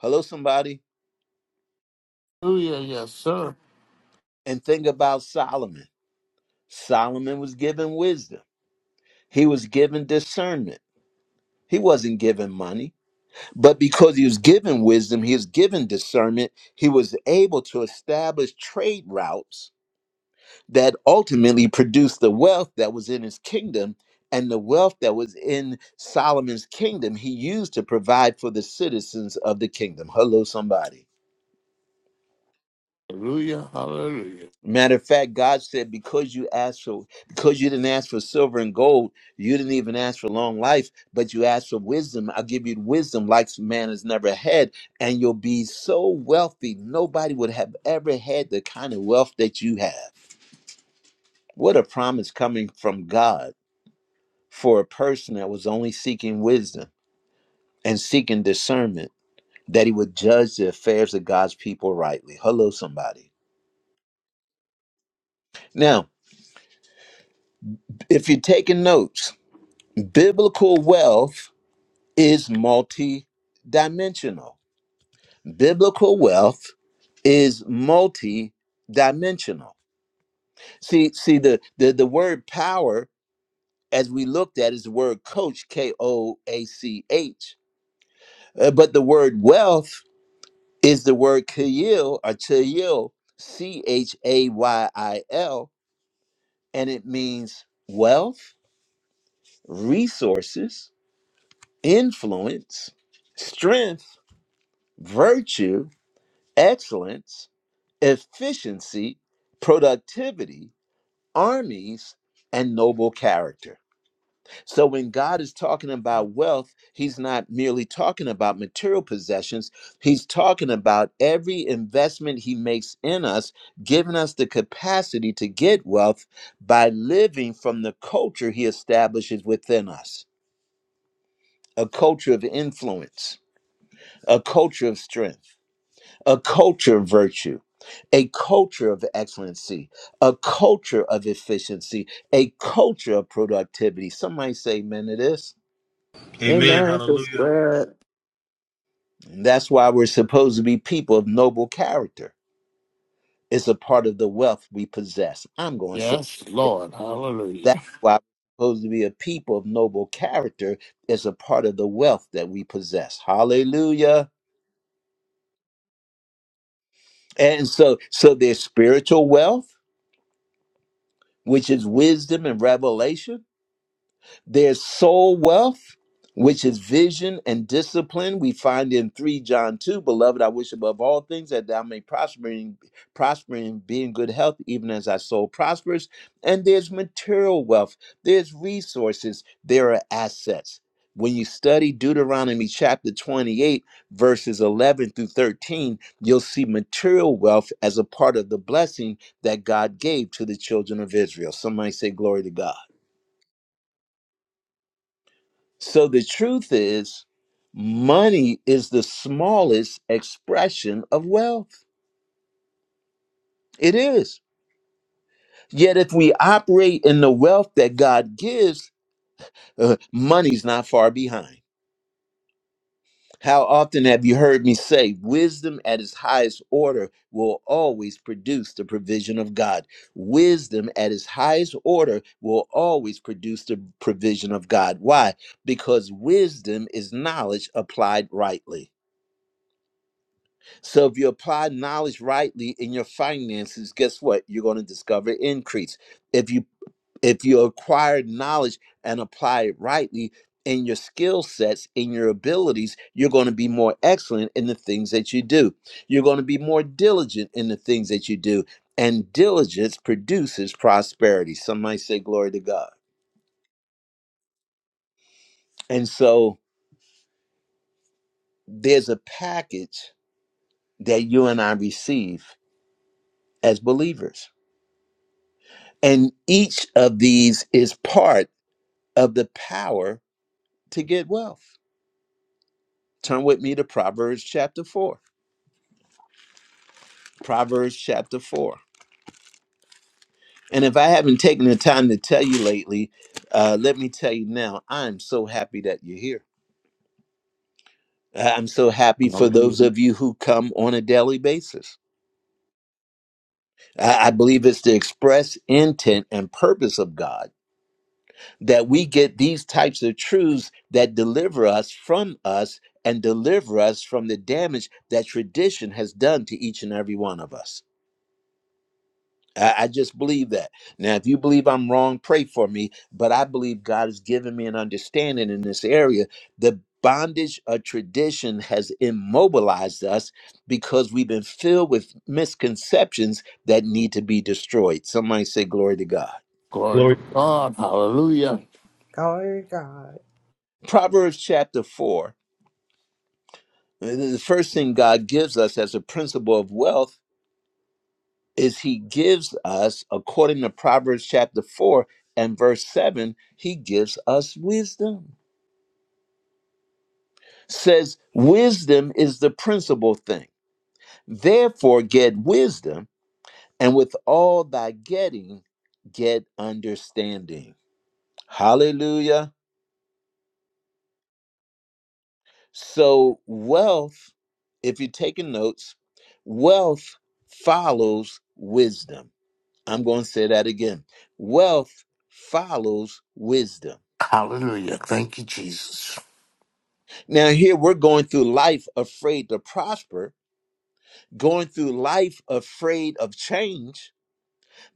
S1: hello somebody
S6: Hallelujah. Yes, sir.
S1: and think about solomon solomon was given wisdom he was given discernment he wasn't given money but because he was given wisdom he was given discernment he was able to establish trade routes that ultimately produced the wealth that was in his kingdom and the wealth that was in Solomon's kingdom he used to provide for the citizens of the kingdom. Hello somebody.
S6: Hallelujah. Hallelujah.
S1: Matter of fact, God said because you asked for because you didn't ask for silver and gold, you didn't even ask for long life, but you asked for wisdom. I'll give you wisdom like man has never had, and you'll be so wealthy nobody would have ever had the kind of wealth that you have. What a promise coming from God for a person that was only seeking wisdom and seeking discernment that he would judge the affairs of God's people rightly. Hello, somebody. Now, if you're taking notes, biblical wealth is multi dimensional. Biblical wealth is multi dimensional. See, see the, the, the word power, as we looked at, is the word coach, K O A C H. Uh, but the word wealth is the word Kayil or Chayil, C H A Y I L, and it means wealth, resources, influence, strength, virtue, excellence, efficiency, productivity, armies, and noble character. So when God is talking about wealth, he's not merely talking about material possessions. He's talking about every investment he makes in us, giving us the capacity to get wealth by living from the culture he establishes within us. A culture of influence, a culture of strength, a culture of virtue. A culture of excellency, a culture of efficiency, a culture of productivity. Somebody say amen to this.
S2: Amen.
S4: Amen. It's
S2: Hallelujah.
S4: good.
S1: That's why we're supposed to be people of noble character. It's a part of the wealth we possess. I'm going to say
S6: Yes,
S1: it.
S6: Lord.
S1: that's
S6: Hallelujah.
S1: why we're supposed to be a people of noble character. It's a part of the wealth that we possess. Hallelujah. And so, so there's spiritual wealth, which is wisdom and revelation There's soul wealth, which is vision and discipline. We find in 3 John 2, Beloved, I wish above all things that thou may prosper and, prosper and be in good health, even as thy soul prospers. And there's material wealth, there's resources, there are assets. When you study Deuteronomy chapter 28, verses 11 through 13, you'll see material wealth as a part of the blessing that God gave to the children of Israel. Somebody say, Glory to God. So the truth is, money is the smallest expression of wealth. It is. Yet if we operate in the wealth that God gives, uh, money's not far behind. How often have you heard me say, wisdom at its highest order will always produce the provision of God? Wisdom at its highest order will always produce the provision of God. Why? Because wisdom is knowledge applied rightly. So if you apply knowledge rightly in your finances, guess what? You're going to discover increase. If you if you acquire knowledge and apply it rightly in your skill sets, in your abilities, you're going to be more excellent in the things that you do. You're going to be more diligent in the things that you do. And diligence produces prosperity. Some might say glory to God. And so there's a package that you and I receive as believers And each of these is part of the power to get wealth. Turn with me to Proverbs chapter 4. Proverbs chapter 4. And if I haven't taken the time to tell you lately, uh, let me tell you now, I'm so happy that you're here. I- I'm so happy for those
S6: Hallelujah.
S1: of you who come on a daily basis. I I believe it's the express intent and purpose of God that we get these types of truths that deliver us from us and deliver us from the damage that tradition has done to each and every one of us. I, I just believe that. Now, if you believe I'm wrong, pray for me, but I believe God has given me an understanding in this area. The bondage of tradition has immobilized us because we've been filled with misconceptions that need to be destroyed. Somebody say, Glory to God.
S6: Glory to
S2: Glory.
S6: God. Hallelujah.
S7: Glory to God.
S1: Proverbs chapter 4 The first thing God gives us as a principle of wealth is He gives us, according to Proverbs chapter 4 and verse 7, He gives us wisdom. Says, Wisdom is the principal thing. Therefore, get wisdom, and with all thy getting, get understanding. Hallelujah. So, wealth, if you're taking notes, wealth follows wisdom I'm going to say that again. Wealth follows wisdom.
S6: Hallelujah. Thank you, Jesus.
S1: Now, here we're going through life afraid to prosper, going through life afraid of change,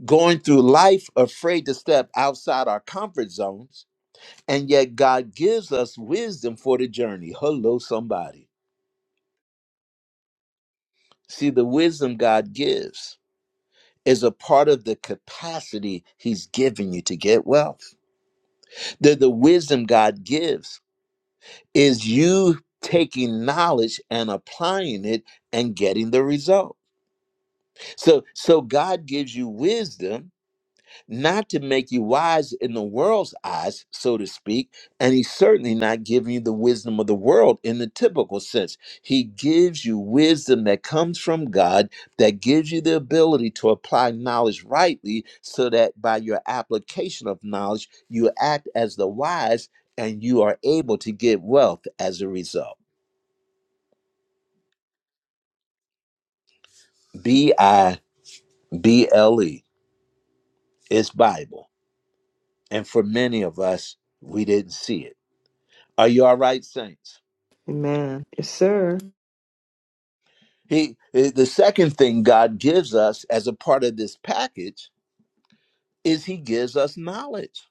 S1: going through life afraid to step outside our comfort zones. And yet, God gives us wisdom for the journey. Hello, somebody. See, the wisdom God gives is a part of the capacity He's given you to get wealth. The, the wisdom God gives is you taking knowledge and applying it and getting the result so so god gives you wisdom not to make you wise in the world's eyes so to speak and he's certainly not giving you the wisdom of the world in the typical sense he gives you wisdom that comes from god that gives you the ability to apply knowledge rightly so that by your application of knowledge you act as the wise and you are able to get wealth as a result B I B L E. It's Bible. And for many of us, we didn't see it. Are you all right, saints?
S4: Amen. Yes, sir.
S1: He eh, the second thing God gives us as a part of this package is he gives us knowledge.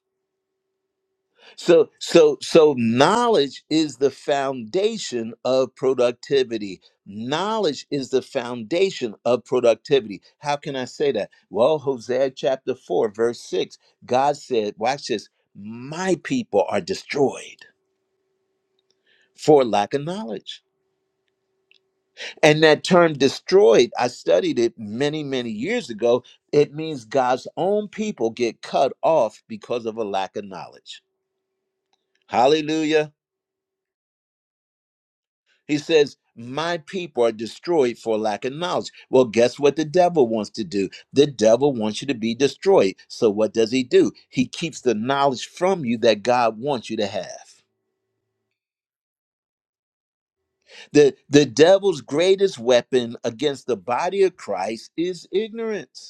S1: So so so knowledge is the foundation of productivity. Knowledge is the foundation of productivity. How can I say that? Well, Hosea chapter 4 verse 6, God said, watch this, my people are destroyed for lack of knowledge. And that term destroyed, I studied it many, many years ago. It means God's own people get cut off because of a lack of knowledge. Hallelujah. He says, My people are destroyed for lack of knowledge. Well, guess what the devil wants to do? The devil wants you to be destroyed. So what does he do? He keeps the knowledge from you that God wants you to have. The, the devil's greatest weapon against the body of Christ is ignorance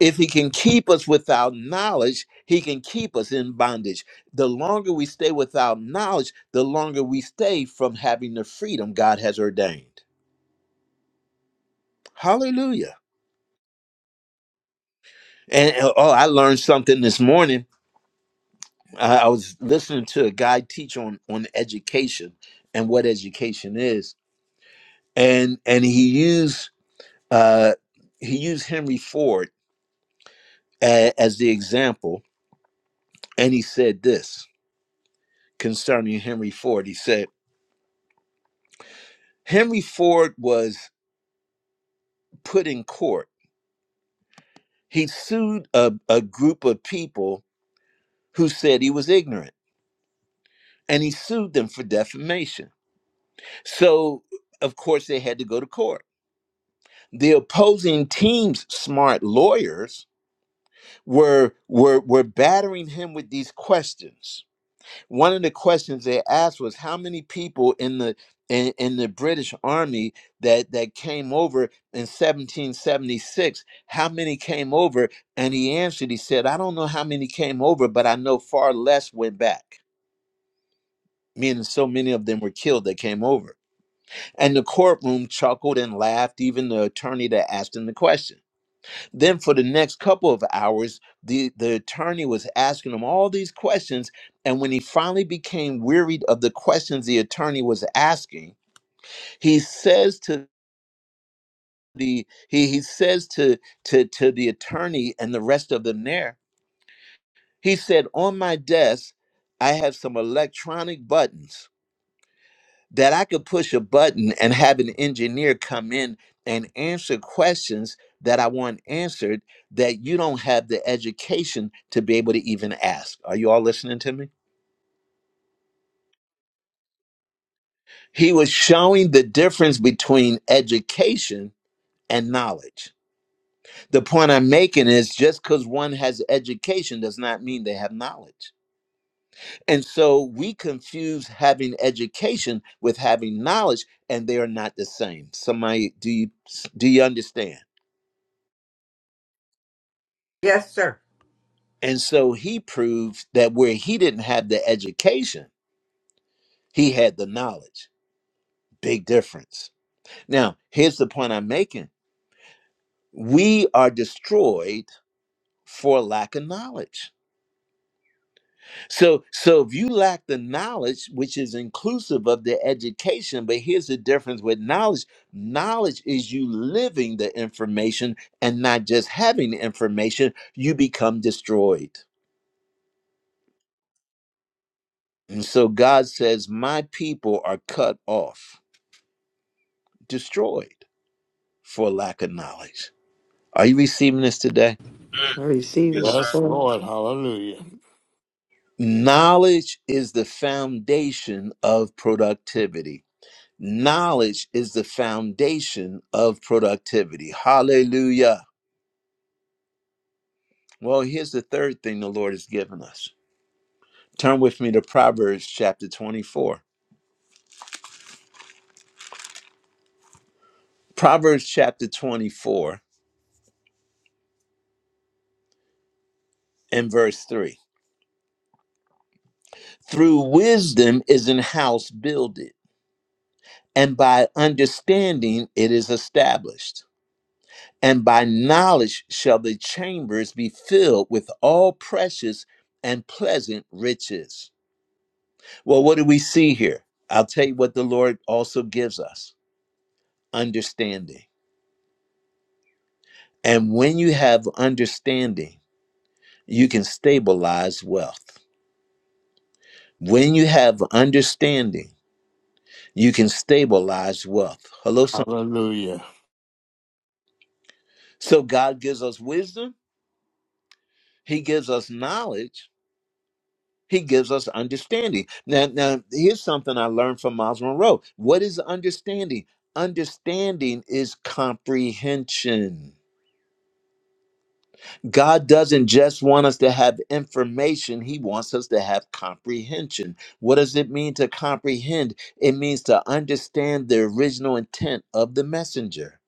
S1: if he can keep us without knowledge, he can keep us in bondage. The longer we stay without knowledge, the longer we stay from having the freedom God has ordained. Hallelujah. And and, oh, I learned something this morning. I I was listening to a guy teach on, on education and what education is. And and he used uh he used Henry Ford a- as the example, and he said this concerning Henry Ford. He said. Henry Ford was put in court. He sued a, a group of people who said he was ignorant, and he sued them for defamation. So, of course, they had to go to court. The opposing team's smart lawyers were were were battering him with these questions. one of the questions they asked was how many people in the in, in the British army that that came over in 1776 how many came over and he answered he said I don't know how many came over but I know far less went back meaning so many of them were killed that came over and the courtroom chuckled and laughed even the attorney that asked him the question then, for the next couple of hours, the, the attorney was asking him all these questions. And when he finally became wearied of the questions the attorney was asking, he says to the he, he says to, to to the attorney and the rest of them there, he said, On my desk, I have some electronic buttons. that I could push a button and have an engineer come in and answer questions that I want answered that you don't have the education to be able to even ask. Are you all listening to me? He was showing the difference between education and knowledge. The point I'm making is just because one has education does not mean they have knowledge. And so we confuse having education with having knowledge, and they are not the same. Somebody, do you do you understand? And so he proved that where he didn't have the education, he had the knowledge. Big difference. Now, here's the point I'm making. We are destroyed for lack of knowledge. So so if you lack the knowledge, which is inclusive of the education, but here's the difference with knowledge. Knowledge is you living the information and not just having the information, you become destroyed. And so God says, "My people are cut off." destroyed for lack of knowledge. Are you receiving this today?
S4: I receive
S2: Yes,
S4: it,
S2: sir.
S6: Yes,
S4: sir.
S6: Lord. Hallelujah.
S1: Knowledge is the foundation of productivity. Knowledge is the foundation of productivity. Hallelujah. Well, here's the third thing the Lord has given us. Turn with me to Proverbs chapter 24. Proverbs chapter 24 and verse 3. Through wisdom is an house builded, and by understanding it is established. and by knowledge shall the chambers be filled with all precious and pleasant riches. Well, what do we see here? I'll tell you what the Lord also gives us understanding. And when you have understanding, you can stabilize wealth. When you have understanding, you can stabilize wealth. Hello, some.
S6: Hallelujah.
S1: So God gives us wisdom, He gives us knowledge, He gives us understanding. Now, now here's something I learned from Miles Monroe. What is understanding? Understanding is comprehension. God doesn't just want us to have information, He wants us to have comprehension. What does it mean to comprehend? It means to understand the original intent of the messenger.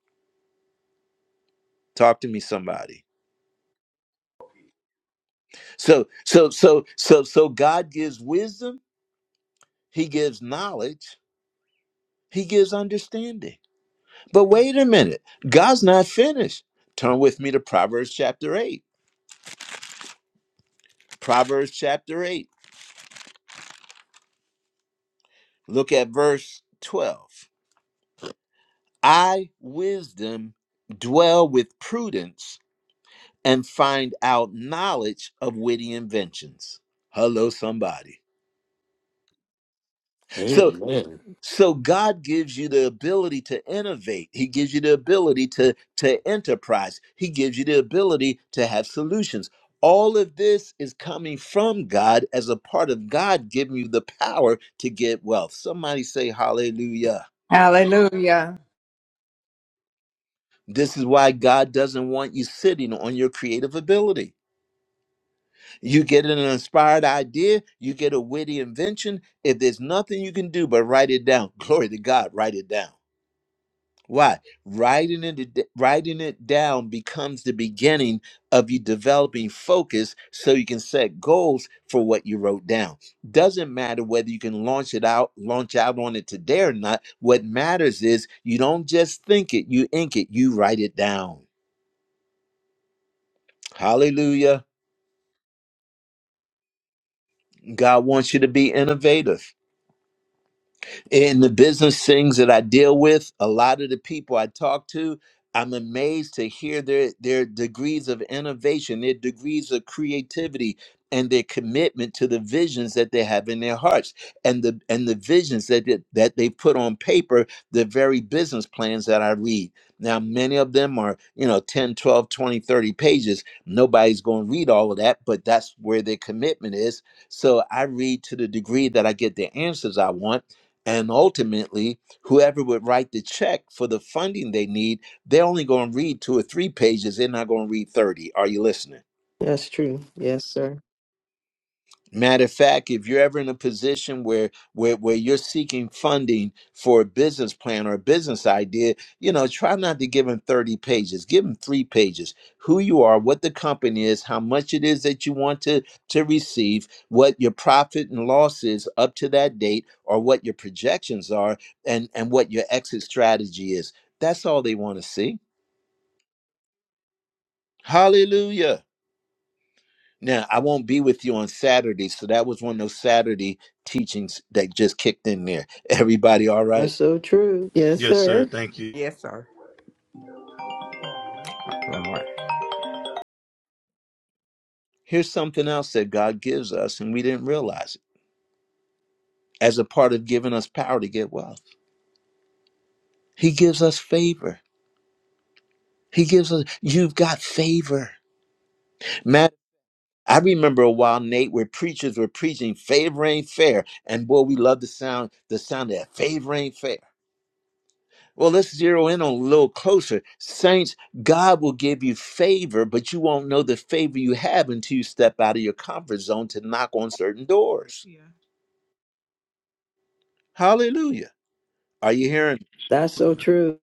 S1: Talk to me, somebody. So, so, so, so, so God gives wisdom, He gives knowledge, He gives understanding. But wait a minute, God's not finished. Turn with me to Proverbs chapter 8. Proverbs chapter 8. Look at verse 12. I, wisdom, dwell with prudence and find out knowledge of witty inventions. Hello, somebody. So.
S6: Amen.
S1: So God gives you the ability to innovate. He gives you the ability to to enterprise. He gives you the ability to have solutions. All of this is coming from God as a part of God giving you the power to get wealth. Somebody say hallelujah.
S7: Hallelujah.
S1: This is why God doesn't want you sitting on your creative ability. You get an inspired idea, you get a witty invention. If there's nothing you can do but write it down, glory to God, write it down. Why? Writing it, writing it down becomes the beginning of you developing focus so you can set goals for what you wrote down. Doesn't matter whether you can launch it out, launch out on it today or not. What matters is you don't just think it, you ink it, you write it down. Hallelujah. God wants you to be innovative. in the business things that I deal with, a lot of the people I talk to, I'm amazed to hear their their degrees of innovation, their degrees of creativity, and their commitment to the visions that they have in their hearts, and the and the visions that they, that they put on paper, the very business plans that I read. Now, many of them are, you know, 10, 12, 20, 30 pages. Nobody's going to read all of that, but that's where their commitment is. So I read to the degree that I get the answers I want and ultimately, whoever would write the check for the funding they need, they're only going to read two or three pages. They're not going to read 30. Are you listening?
S4: That's true. Yes, sir.
S1: Matter of fact, if you're ever in a position where, where where you're seeking funding for a business plan or a business idea, you know, try not to give them 30 pages. Give them three pages. Who you are, what the company is, how much it is that you want to to receive, what your profit and loss is up to that date, or what your projections are, and and what your exit strategy is. That's all they want to see. Hallelujah. Now, I won't be with you on Saturday, so that was one of those Saturday teachings that just kicked in there. Everybody all
S4: That's
S1: right?
S4: so true. Yes,
S2: Yes, sir.
S4: sir.
S2: Thank you.
S7: Yes, sir.
S1: Here's something else that God gives us and we didn't realize it. As a part of giving us power to get wealth, he gives us favor. He gives us you've got favor. Matt, I remember a while Nate where preachers were preaching favor ain't fair and boy we love the sound the sound of that favor ain't fair. Well, let's zero in on a little closer. Saints, God will give you favor, but you won't know the favor you have until you step out of your comfort zone to knock on certain
S5: Glory
S1: doors.
S5: to you,
S1: Hallelujah. Are you hearing?
S4: That's so true.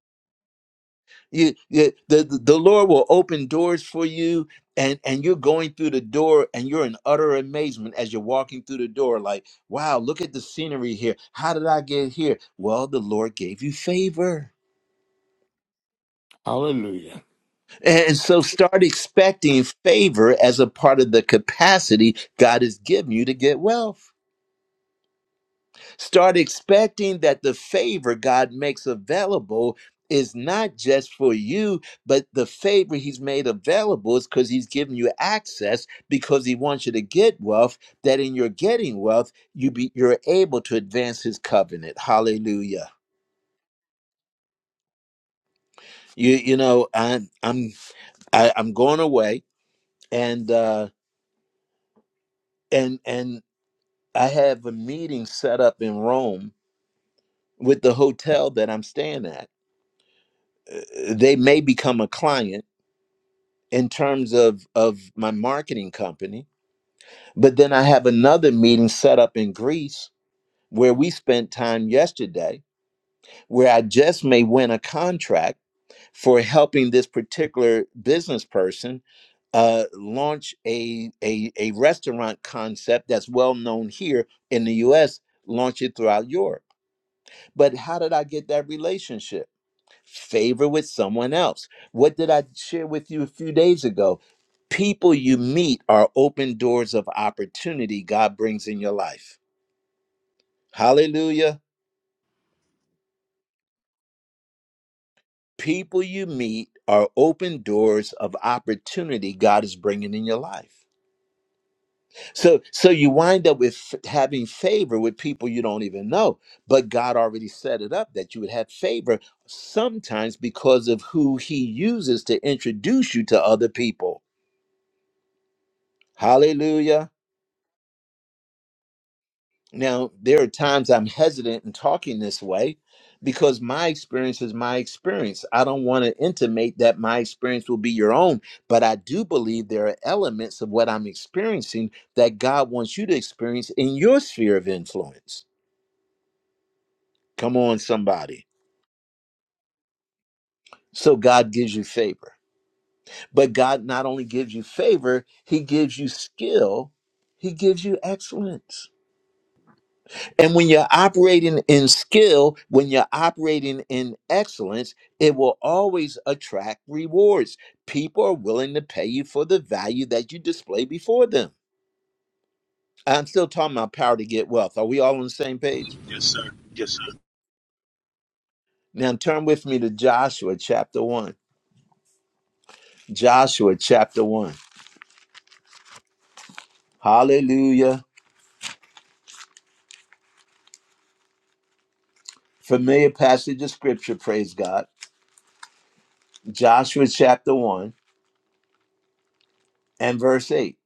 S1: You, you, the, the the Lord will open doors for you, and, and you're going through the door, and you're in utter amazement as you're walking through the door, like, wow, look at the scenery here. How did I get here? Well, the Lord gave you favor.
S6: Hallelujah.
S1: And so start expecting favor as a part of the capacity God has given you to get wealth. Start expecting that the favor God makes available is not just for you, but the favor He's made available is because He's given you access because He wants you to get wealth, that in your getting wealth, you be, you're able to advance His covenant. Hallelujah. You, you know, I'm, I'm, I, I'm going away and, uh, and and I have a meeting set up in Rome with the hotel that I'm staying at. Uh, They may become a client in terms of, of my marketing company, but then I have another meeting set up in Greece where we spent time yesterday, where I just may win a contract for helping this particular business person uh, launch a, a a restaurant concept that's well known here in the U.S. Launch it throughout Europe But how did I get that relationship? Favor with someone else. What did I share with you a few days ago? People you meet are open doors of opportunity God brings in your life. Hallelujah. People you meet are open doors of opportunity God is bringing in your life. So so you wind up with f- having favor with people you don't even know. But God already set it up that you would have favor sometimes because of who he uses to introduce you to other people. Hallelujah. Now, there are times I'm hesitant in talking this way because my experience is my experience. I don't want to intimate that my experience will be your own, but I do believe there are elements of what I'm experiencing that God wants you to experience in your sphere of influence. Come on, somebody. So God gives you favor. But God not only gives you favor, He gives you skill, He gives you excellence. And when you're operating in skill, when you're operating in excellence, it will always attract rewards. People are willing to pay you for the value that you display before them. I'm still talking about power to get wealth. Are we all on the same page?
S2: Yes, sir. Yes, sir.
S1: Now turn with me to Joshua chapter 1. Joshua chapter 1. Hallelujah. Familiar passage of scripture, praise God. Joshua chapter 1 and verse 8.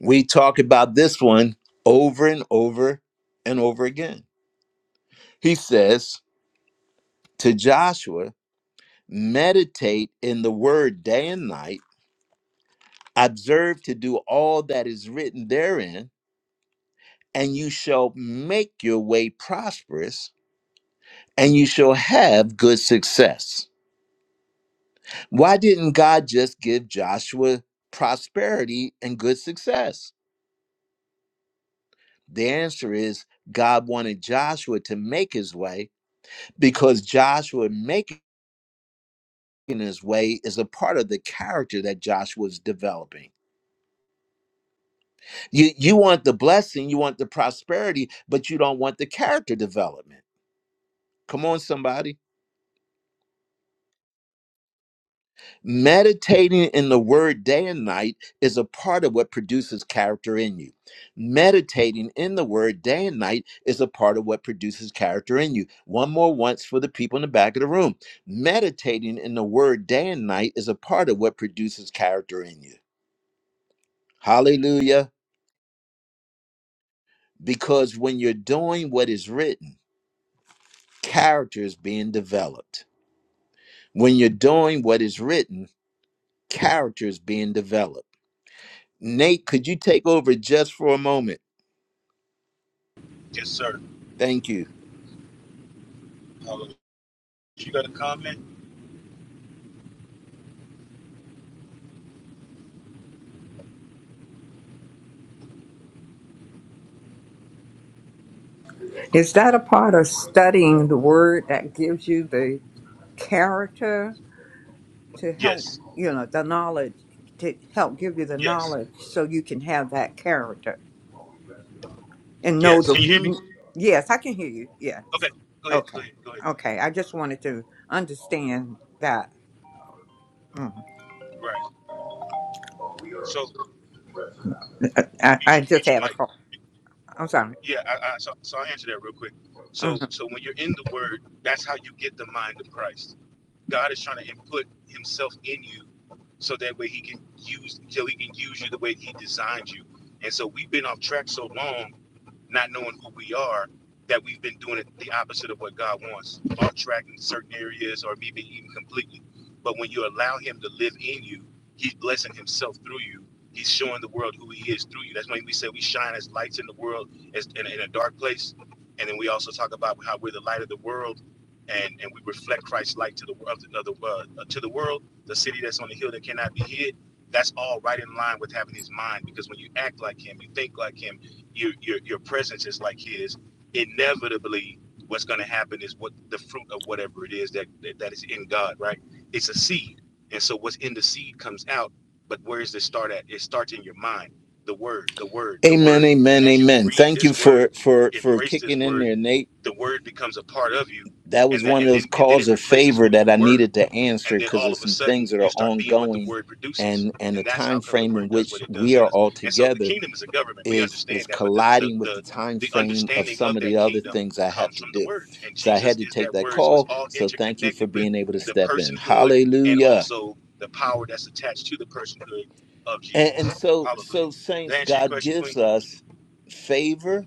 S1: We talk about this one over and over and over again. He says to Joshua, Meditate in the word day and night, observe to do all that is written therein, and you shall make your way prosperous, and you shall have good success. Why didn't God just give Joshua prosperity and good success? The answer is God wanted Joshua to make his way because Joshua making his way is a part of the character that Joshua is developing. You you want the blessing, you want the prosperity, but you don't want the character development. Come on, somebody. Meditating in the word day and night is a part of what produces character in you. Meditating in the word day and night is a part of what produces character in you. One more once for the people in the back of the room. Meditating in the word day and night is a part of what produces character in you. Hallelujah. Because when you're doing what is written, character is being developed. When you're doing what is written, character is being developed. Nate, could you take over just for a moment?
S2: Yes, sir.
S1: Thank you.
S2: Hallelujah. You got a comment?
S7: Is that a part of studying the word that gives you the character to help, you know, the knowledge, to help give you the knowledge so you can have that character and know the. Yes, I can hear you. Yes. Okay. Okay. I just wanted to understand that. Mm. I, I just had a call. I'm sorry. Mhm.
S1: Amen, amen, amen. Thank you for for for kicking in there, Nate. That was one of those calls of favor that I needed to answer because of some things that are ongoing and and the time frame in which we are all together is is colliding with the time frame of some of the other things I have to do. So I had to take that call. So thank you for being able to step in. Hallelujah. And, and so so saints, God gives us favor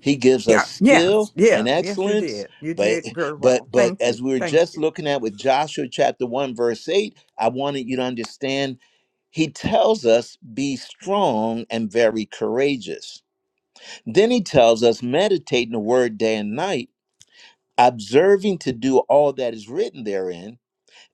S1: He gives
S7: Yeah.
S1: us skill
S7: Yes.
S1: and
S7: Yeah. Yes, you
S1: excellence.
S7: did. You
S1: But
S7: did very
S1: but
S7: well.
S1: but
S7: Thank
S1: as
S7: you.
S1: we were
S7: Thank
S1: just
S7: you.
S1: looking at with Joshua chapter 1, verse 8, I wanted you to understand he tells us be strong and very courageous. Then he tells us meditate in the word day and night, observing to do all that is written therein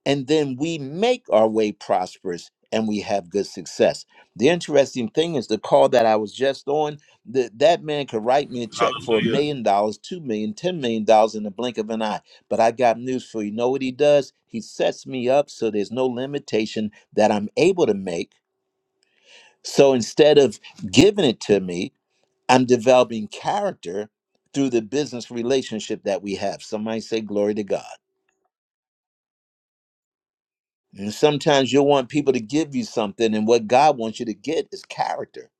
S1: and then we make our way prosperous and we have good success. The interesting thing is the call that I was just on, that that man could write me a check for a million dollars, two million, ten million dollars in the blink of an eye. But I got news for you. Know what he does? He sets me up so there's no limitation that I'm able to make. So instead of giving it to me, I'm developing character through the business relationship that we have. Somebody say glory to God. And sometimes you'll want people to give you something, and what God wants you to get is character.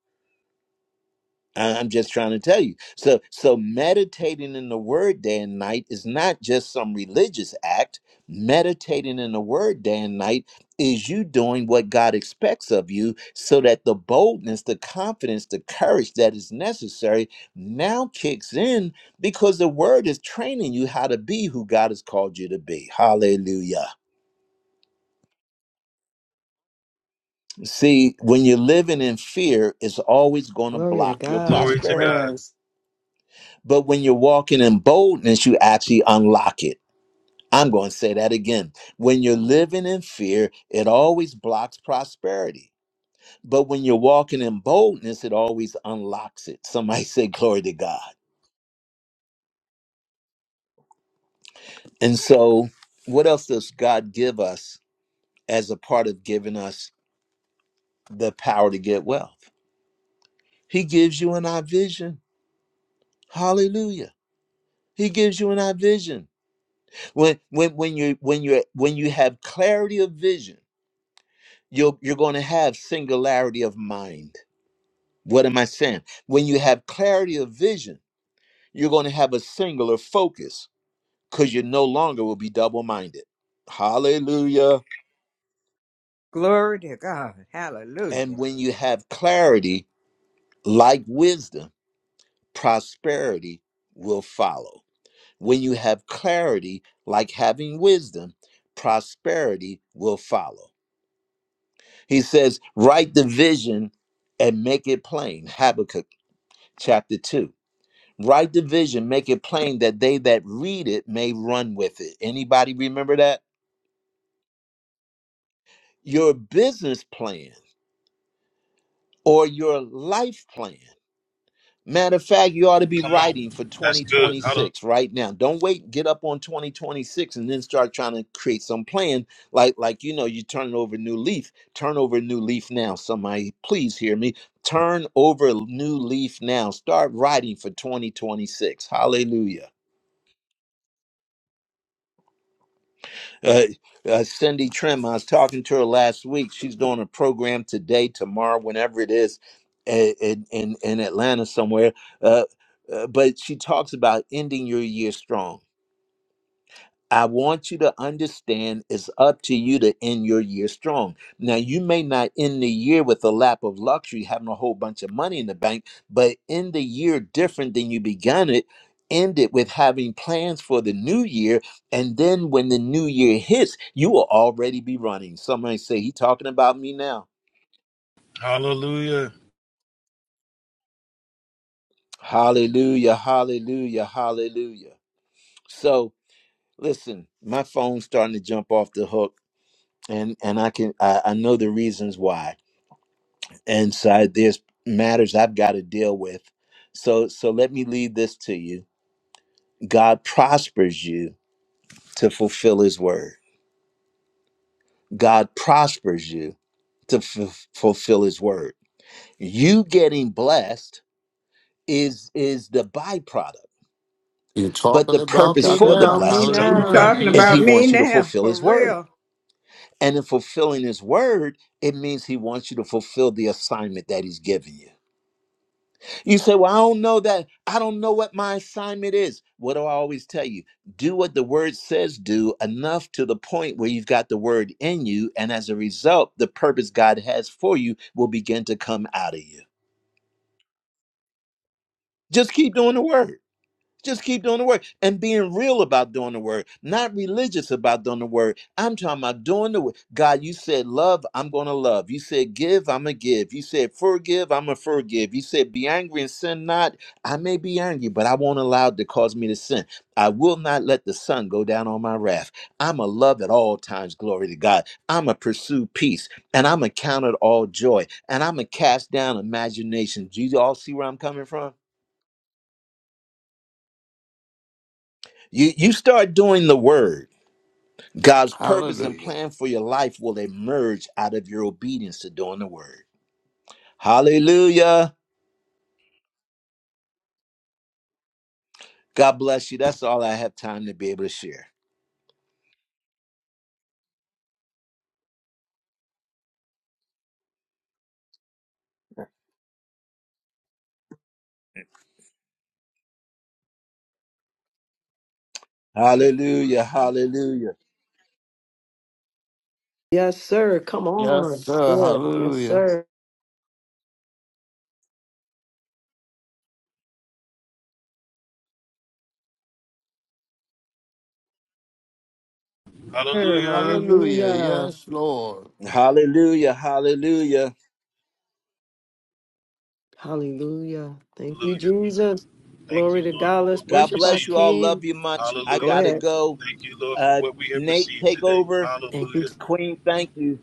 S1: I- I'm just trying to tell you. So, so meditating in the Word day and night is not just some religious act. Meditating in the Word day and night is you doing what God expects of you, so that the boldness, the confidence, the courage that is necessary now kicks in because the Word is training you how to be who God has called you to be. Hallelujah. See, when you're living in fear, it's always going to
S4: Glory to
S1: block your
S4: God.
S1: prosperity.
S4: Yes.
S1: But when you're walking in boldness, you actually unlock it. I'm going to say that again. When you're living in fear, it always blocks prosperity. But when you're walking in boldness, it always unlocks it. Somebody say, Glory to God. And so, what else does God give us as a part of giving us the power to get wealth? He gives you an eye vision. Hallelujah. He gives you an eye vision when when when you when you when you have clarity of vision you're you're going to have singularity of mind what am i saying when you have clarity of vision you're going to have a singular focus because you no longer will be double-minded hallelujah
S7: Glory to God.
S1: and
S7: Hallelujah.
S1: when you have clarity like wisdom prosperity will follow when you have clarity like having wisdom prosperity will follow He says, Write the vision and make it plain. Habakkuk chapter 2. Write the vision, make it plain that they that read it may run with it. Anybody remember that? Your business plan or your life plan Matter of fact, you ought to be writing for 2026 right now. Don't wait, get up on 2026 and then start trying to create some plan. Like, like you know, you turn over a new leaf. Turn over a new leaf now. Somebody, please hear me. Turn over a new leaf now. Start writing for 2026. Hallelujah. uh, uh, Cindy Trim. I was talking to her last week. She's doing a program today, tomorrow, whenever it is, i- in in, in Atlanta somewhere. Uh, uh, but she talks about ending your year strong I want you to understand it's up to you to end your year strong. Now, you may not end the year with a lap of luxury, having a whole bunch of money in the bank, but end the year different than you began it. End it with having plans for the new year. And then when the new year hits, you will already be running. Somebody say, He talking about me now.
S2: Hallelujah.
S1: Hallelujah, hallelujah, hallelujah. So listen, my phone's starting to jump off the hook. And, and I can I, I know the reasons why and so there's matters I've got to deal with. So so let me leave this to you. God prospers you to fulfill His word. God prospers you to f- fulfill His word. You getting blessed is is the byproduct,
S6: You're
S1: but
S6: talking
S1: the
S4: You
S6: about
S1: purpose
S6: me
S4: talking
S1: for the
S6: now.
S4: about me
S2: He
S1: blessing
S2: talking
S7: You
S4: now?
S6: Hallelujah.
S2: about
S7: talking
S2: me.
S1: is
S7: about
S1: He
S6: Yes,
S7: me
S1: wants you to
S6: Lord.
S7: now,
S1: fulfill
S7: for
S1: His word.
S7: real.
S1: And in fulfilling His word, it means He wants you to fulfill the assignment that He's given you. You say, Well, I don't know that. I don't know what my assignment is. What do I always tell you? Do what the word says do, enough to the point where you've got the word in you. And as a result, the purpose God has for you will begin to come out of you. Just keep doing the word. Just keep doing the work and being real about doing the work, not religious about doing the work. I'm talking about doing the work. God, you said love, I'm going to love. You said give, I'm going to give. You said forgive, I'm going to forgive. You said be angry and sin not. I may be angry, but I won't allow it to cause me to sin. I will not let the sun go down on my wrath. I'm a love at all times, glory to God. I'm a pursue peace and I'm a count it all joy and I'm a cast down imagination. Do you all see where I'm coming from? You, you start doing the word God's purpose and
S6: Hallelujah.
S1: plan for your life will emerge out of your obedience to doing the word. Hallelujah. God bless you. That's all I have time to be able to share. Hallelujah. Hallelujah.
S4: Yes, sir. Come
S6: Yes,
S4: on.
S6: sir.
S4: Good. Yes,
S6: Hallelujah.
S4: sir. Sir,
S2: Hallelujah.
S6: Hallelujah.
S4: Hallelujah.
S6: Yes, Lord.
S1: Hallelujah. Hallelujah.
S4: Hallelujah. Thank you,
S2: Hallelujah.
S4: Jesus.
S2: Thank you,
S4: Glory to
S2: Lord, for
S4: God. Let's
S2: what we've
S1: God
S4: worship our
S1: bless
S2: received.
S1: you all. Love
S4: King.
S1: you much. I
S4: Go
S2: Hallelujah.
S1: got to
S4: ahead.
S1: go.
S2: Thank you, Lord, for
S1: Uh,
S2: what we have
S1: Nate,
S2: received
S1: take
S2: today.
S1: over.
S4: Thank you.
S2: Hallelujah.
S1: Queen, thank you.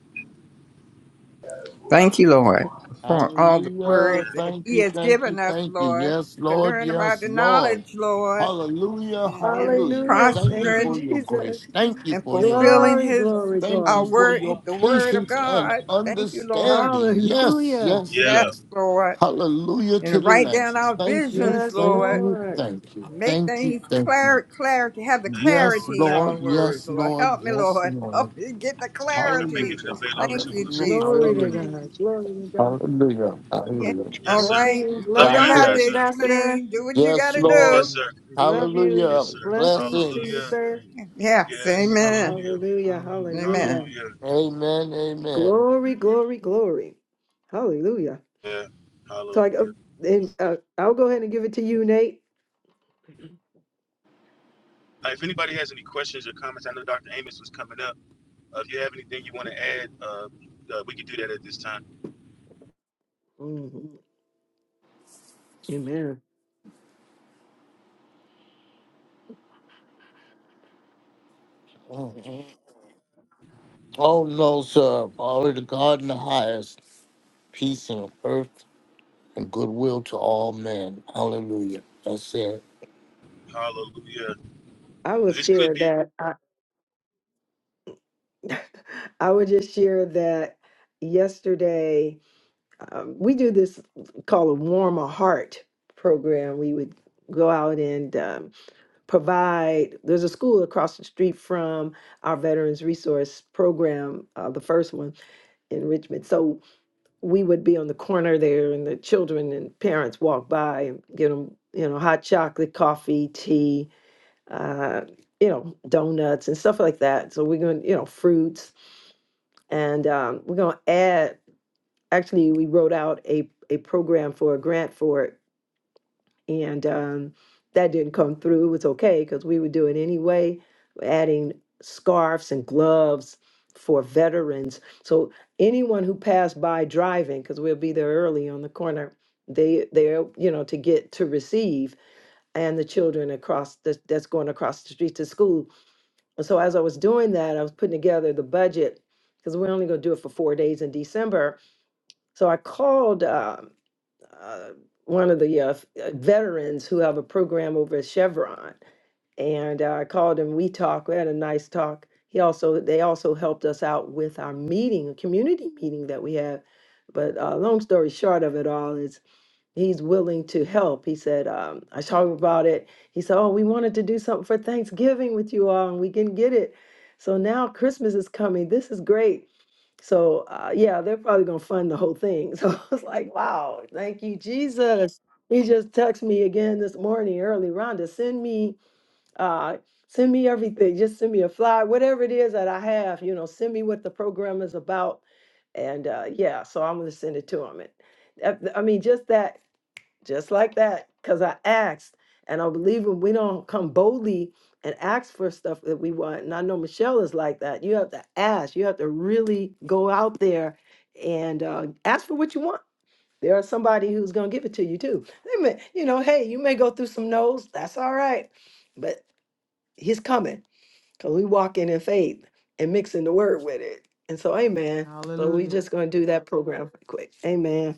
S7: Thank you, Lord, for all the
S6: Hallelujah.
S7: Words that
S6: Thank
S7: He
S6: you,
S7: has
S6: thank you,
S7: given us,
S6: thank you.
S7: Lord,
S6: Yes,
S7: to
S6: Lord.
S7: learn about
S6: Yes,
S7: the
S6: Lord.
S7: knowledge, Lord,
S6: Hallelujah.
S7: and, and
S6: Hallelujah.
S4: Hallelujah.
S6: Thank you
S4: Thank you,
S6: for
S7: prospering
S6: your
S4: Jesus.
S6: grace. Thank you
S7: and
S6: for your
S7: fulfilling
S4: Glory,
S6: mercy.
S7: His
S4: glory,
S6: Thank you
S7: our
S4: glory.
S6: for
S7: word,
S6: your
S7: the word of
S6: patience and
S7: God. Thank you, Lord.
S6: understanding. Yes,
S4: Hallelujah.
S6: yes,
S7: Yes,
S6: yes.
S7: Lord.
S6: Hallelujah to
S7: And
S6: the
S7: write down
S6: last.
S7: our
S6: Thank you,
S7: visions,
S4: Yes,
S6: thank
S7: Lord.
S6: you,
S4: Lord.
S6: thank you.
S7: Make
S6: Thank you,
S7: things
S6: thank you.
S7: clear, clarity, have the
S6: Yes,
S7: clarity in
S6: Lord.
S7: our words.
S6: Yes,
S7: Lord,
S6: Lord.
S7: help me,
S6: Yes,
S7: Lord.
S6: Lord.
S7: Help me get the clarity.
S6: Hallelujah.
S7: Thank you,
S6: Hallelujah.
S7: Jesus.
S4: Glory to
S6: Hallelujah.
S4: God. Glory to God.
S6: Hallelujah.
S7: Yeah.
S6: Hallelujah.
S7: All
S5: Jesus.
S7: right.
S4: Blessings,
S7: You
S4: love and
S6: God
S7: don't have
S6: bless.
S4: life,
S7: to
S4: Ambassador.
S7: explain. Do what you got
S6: Yes,
S7: to
S5: Lord
S7: do.
S6: Lord.
S5: we bless
S4: Love
S5: you.
S4: you.
S6: Hallelujah.
S4: Blessings to you,
S6: Blessings.
S4: sir.
S7: Yes.
S5: We honor
S7: Amen.
S5: you.
S4: Hallelujah.
S5: Hallelujah.
S7: Amen.
S4: Hallelujah.
S6: Amen. Amen.
S4: Glory, glory, glory. Hallelujah. So I go, and, uh, I'll go ahead and give it to you, Nate. Mhm. Amen.
S6: Mhm. Oh, no, sir. Glory to God in the highest. Peace on earth and goodwill to all men. Hallelujah. That's it.
S4: I will share that. I, I would just share that yesterday. Um, we do this called a warm a heart program. We would go out and um, provide there's a school across the street from our veterans resource program uh, the first one in richmond so we would be on the corner there and the children and parents walk by and get them you know hot chocolate coffee tea uh, you know donuts and stuff like that so we're going you know fruits and um, we're going to add actually we wrote out a, a program for a grant for it and um, that didn't come through. It was okay because we would do it anyway, adding scarves and gloves for veterans. So anyone who passed by driving, because we'll be there early on the corner, they they're you know to get to receive and the children across the, that's going across the street to school. And so as I was doing that, I was putting together the budget because we're only going to do it for four days in December. So I called. Uh, uh, one of the uh, f- uh, veterans who have a program over at Chevron, and uh, I called him. We talked. We had a nice talk. He also they also helped us out with our meeting, a community meeting that we had. But uh, long story short of it all is he's willing to help. He said um, I talked about it. He said, "Oh, we wanted to do something for Thanksgiving with you all, and we can get it." So now Christmas is coming. This is great so uh, yeah, they're probably gonna fund the whole thing. So I was like, wow, thank you, Jesus. He just texted me again this morning early, Rhonda, send me uh send me everything. Just send me a flyer, whatever it is that I have, you know, send me what the program is about. And uh yeah, so I'm gonna send it to him. And that- I mean, just that just like that because i asked and i believe when we don't come boldly and ask for stuff that we want and i know michelle is like that you have to ask you have to really go out there and uh, ask for what you want there is somebody who's going to give it to you too they may, you know hey you may go through some no's that's all right but he's coming because we walk in in faith and mixing the word with it and so amen so we just going to
S5: Hallelujah.
S4: do that program right quick amen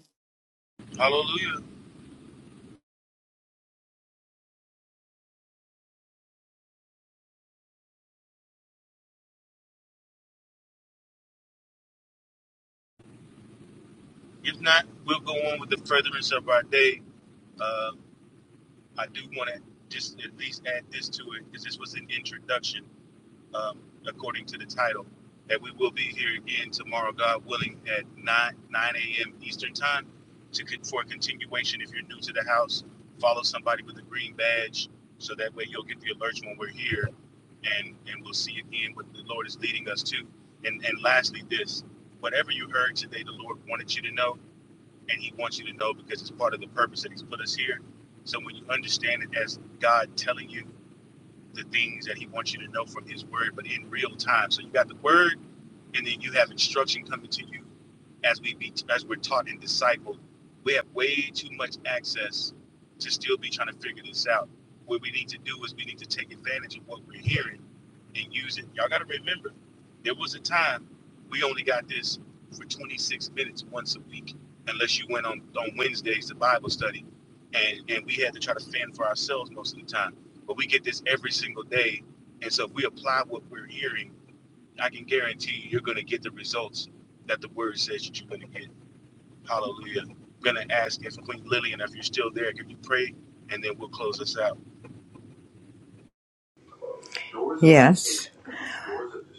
S7: Yes.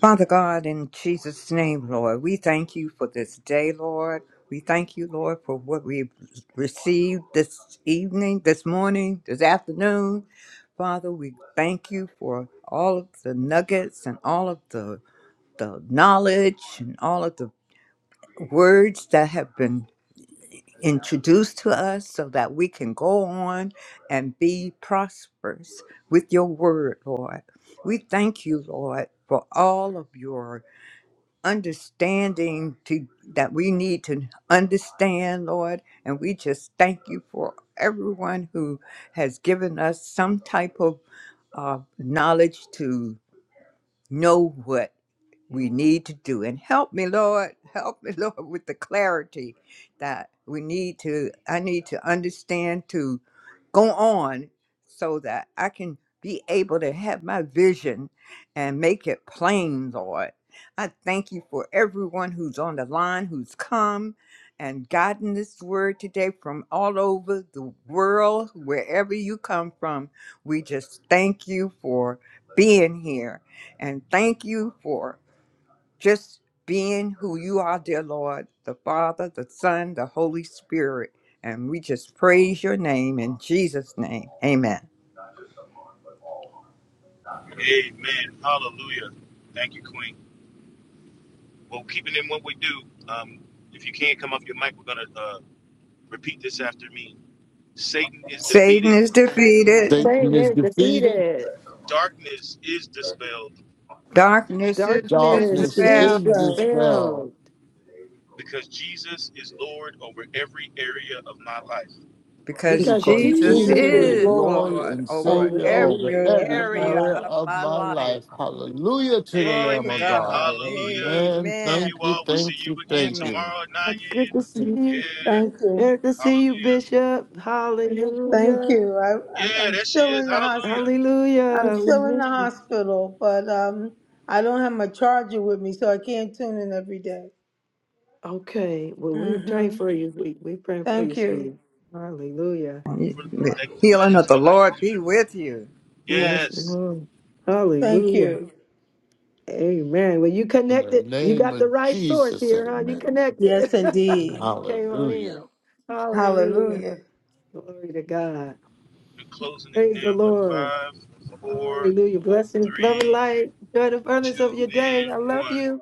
S7: Father God, in Jesus' name, Lord, we thank you for this day, Lord. We thank you, Lord, for what we've received this evening, this morning, this afternoon. Father, we thank you for all of the nuggets and all of the, the knowledge and all of the words that have been introduced to us so that we can go on and be prosperous with your word, Lord. We thank you, Lord, for all of your understanding to that we need to understand, Lord, and we just thank you for everyone who has given us some type of uh, knowledge to know what we need to do. And help me, Lord, help me, Lord, with the clarity that we need to, I need to understand to go on so that I can be able to have my vision and make it plain, Lord. I thank you for everyone who's on the line, who's come and gotten this word today from all over the world, wherever you come from. We just thank you for being here and thank you for just being who you are, dear Lord, the Father, the Son, the Holy Spirit. And we just praise your name in Jesus' name. Amen. Satan is defeated,
S4: say
S6: Satan is
S4: it
S6: defeated.
S4: defeated
S7: darkness is
S4: Darkness
S8: This
S6: Darkness
S8: is the
S4: is
S7: dispelled,
S6: is
S8: strong
S6: dispelled
S4: dispelled
S7: because
S4: because
S6: because
S7: Jesus
S6: Jesus
S4: Jesus
S8: Jesus
S4: is
S8: is
S6: is
S7: is
S4: Lord.
S6: Lord
S8: Lord
S7: Lord
S6: and
S7: over
S8: over
S6: Savior
S8: every
S6: over
S7: every
S8: area
S6: every
S8: of my
S7: area
S6: area
S8: life.
S7: of
S6: of
S7: my
S6: my
S7: life.
S6: life. Hallelujah to the
S7: Glory
S6: Lamb
S7: to
S6: of God.
S7: God.
S6: Amen.
S7: Amen.
S6: Thank you. Thank you. Thank
S7: Amen.
S6: you.
S4: good to
S7: Thank
S4: see
S7: you.
S4: you.
S8: Thank you.
S4: Good to see you, Bishop.
S8: Thank
S4: Hallelujah.
S8: you. I, I'm, I'm still in the hos- I'm
S4: Hallelujah. We
S8: still in the
S4: missed you.
S8: hospital, but um, I don't have my charger with me, so I can't tune in every day.
S4: Okay. Well, we're praying
S8: Mm-hmm.
S4: for you. We we praying for you,
S8: Thank you.
S4: sweetie. Hallelujah.
S7: The Healing of the Lord be with you.
S4: Yes,
S8: Yes.
S4: Lord.
S8: Thank
S4: Hallelujah.
S8: you.
S4: Amen. Well, you
S6: In the
S4: connected. You
S6: name
S4: got the
S6: of
S4: right source
S6: Jesus,
S4: here, huh? You
S6: amen.
S8: Yes,
S4: connected.
S8: indeed.
S4: you came on
S6: Hallelujah.
S4: in. Hallelujah.
S8: Hallelujah.
S4: Glory to God. Praise the Lord. Hallelujah. Blessings, love and light. Enjoy the furnace of your day. I love you.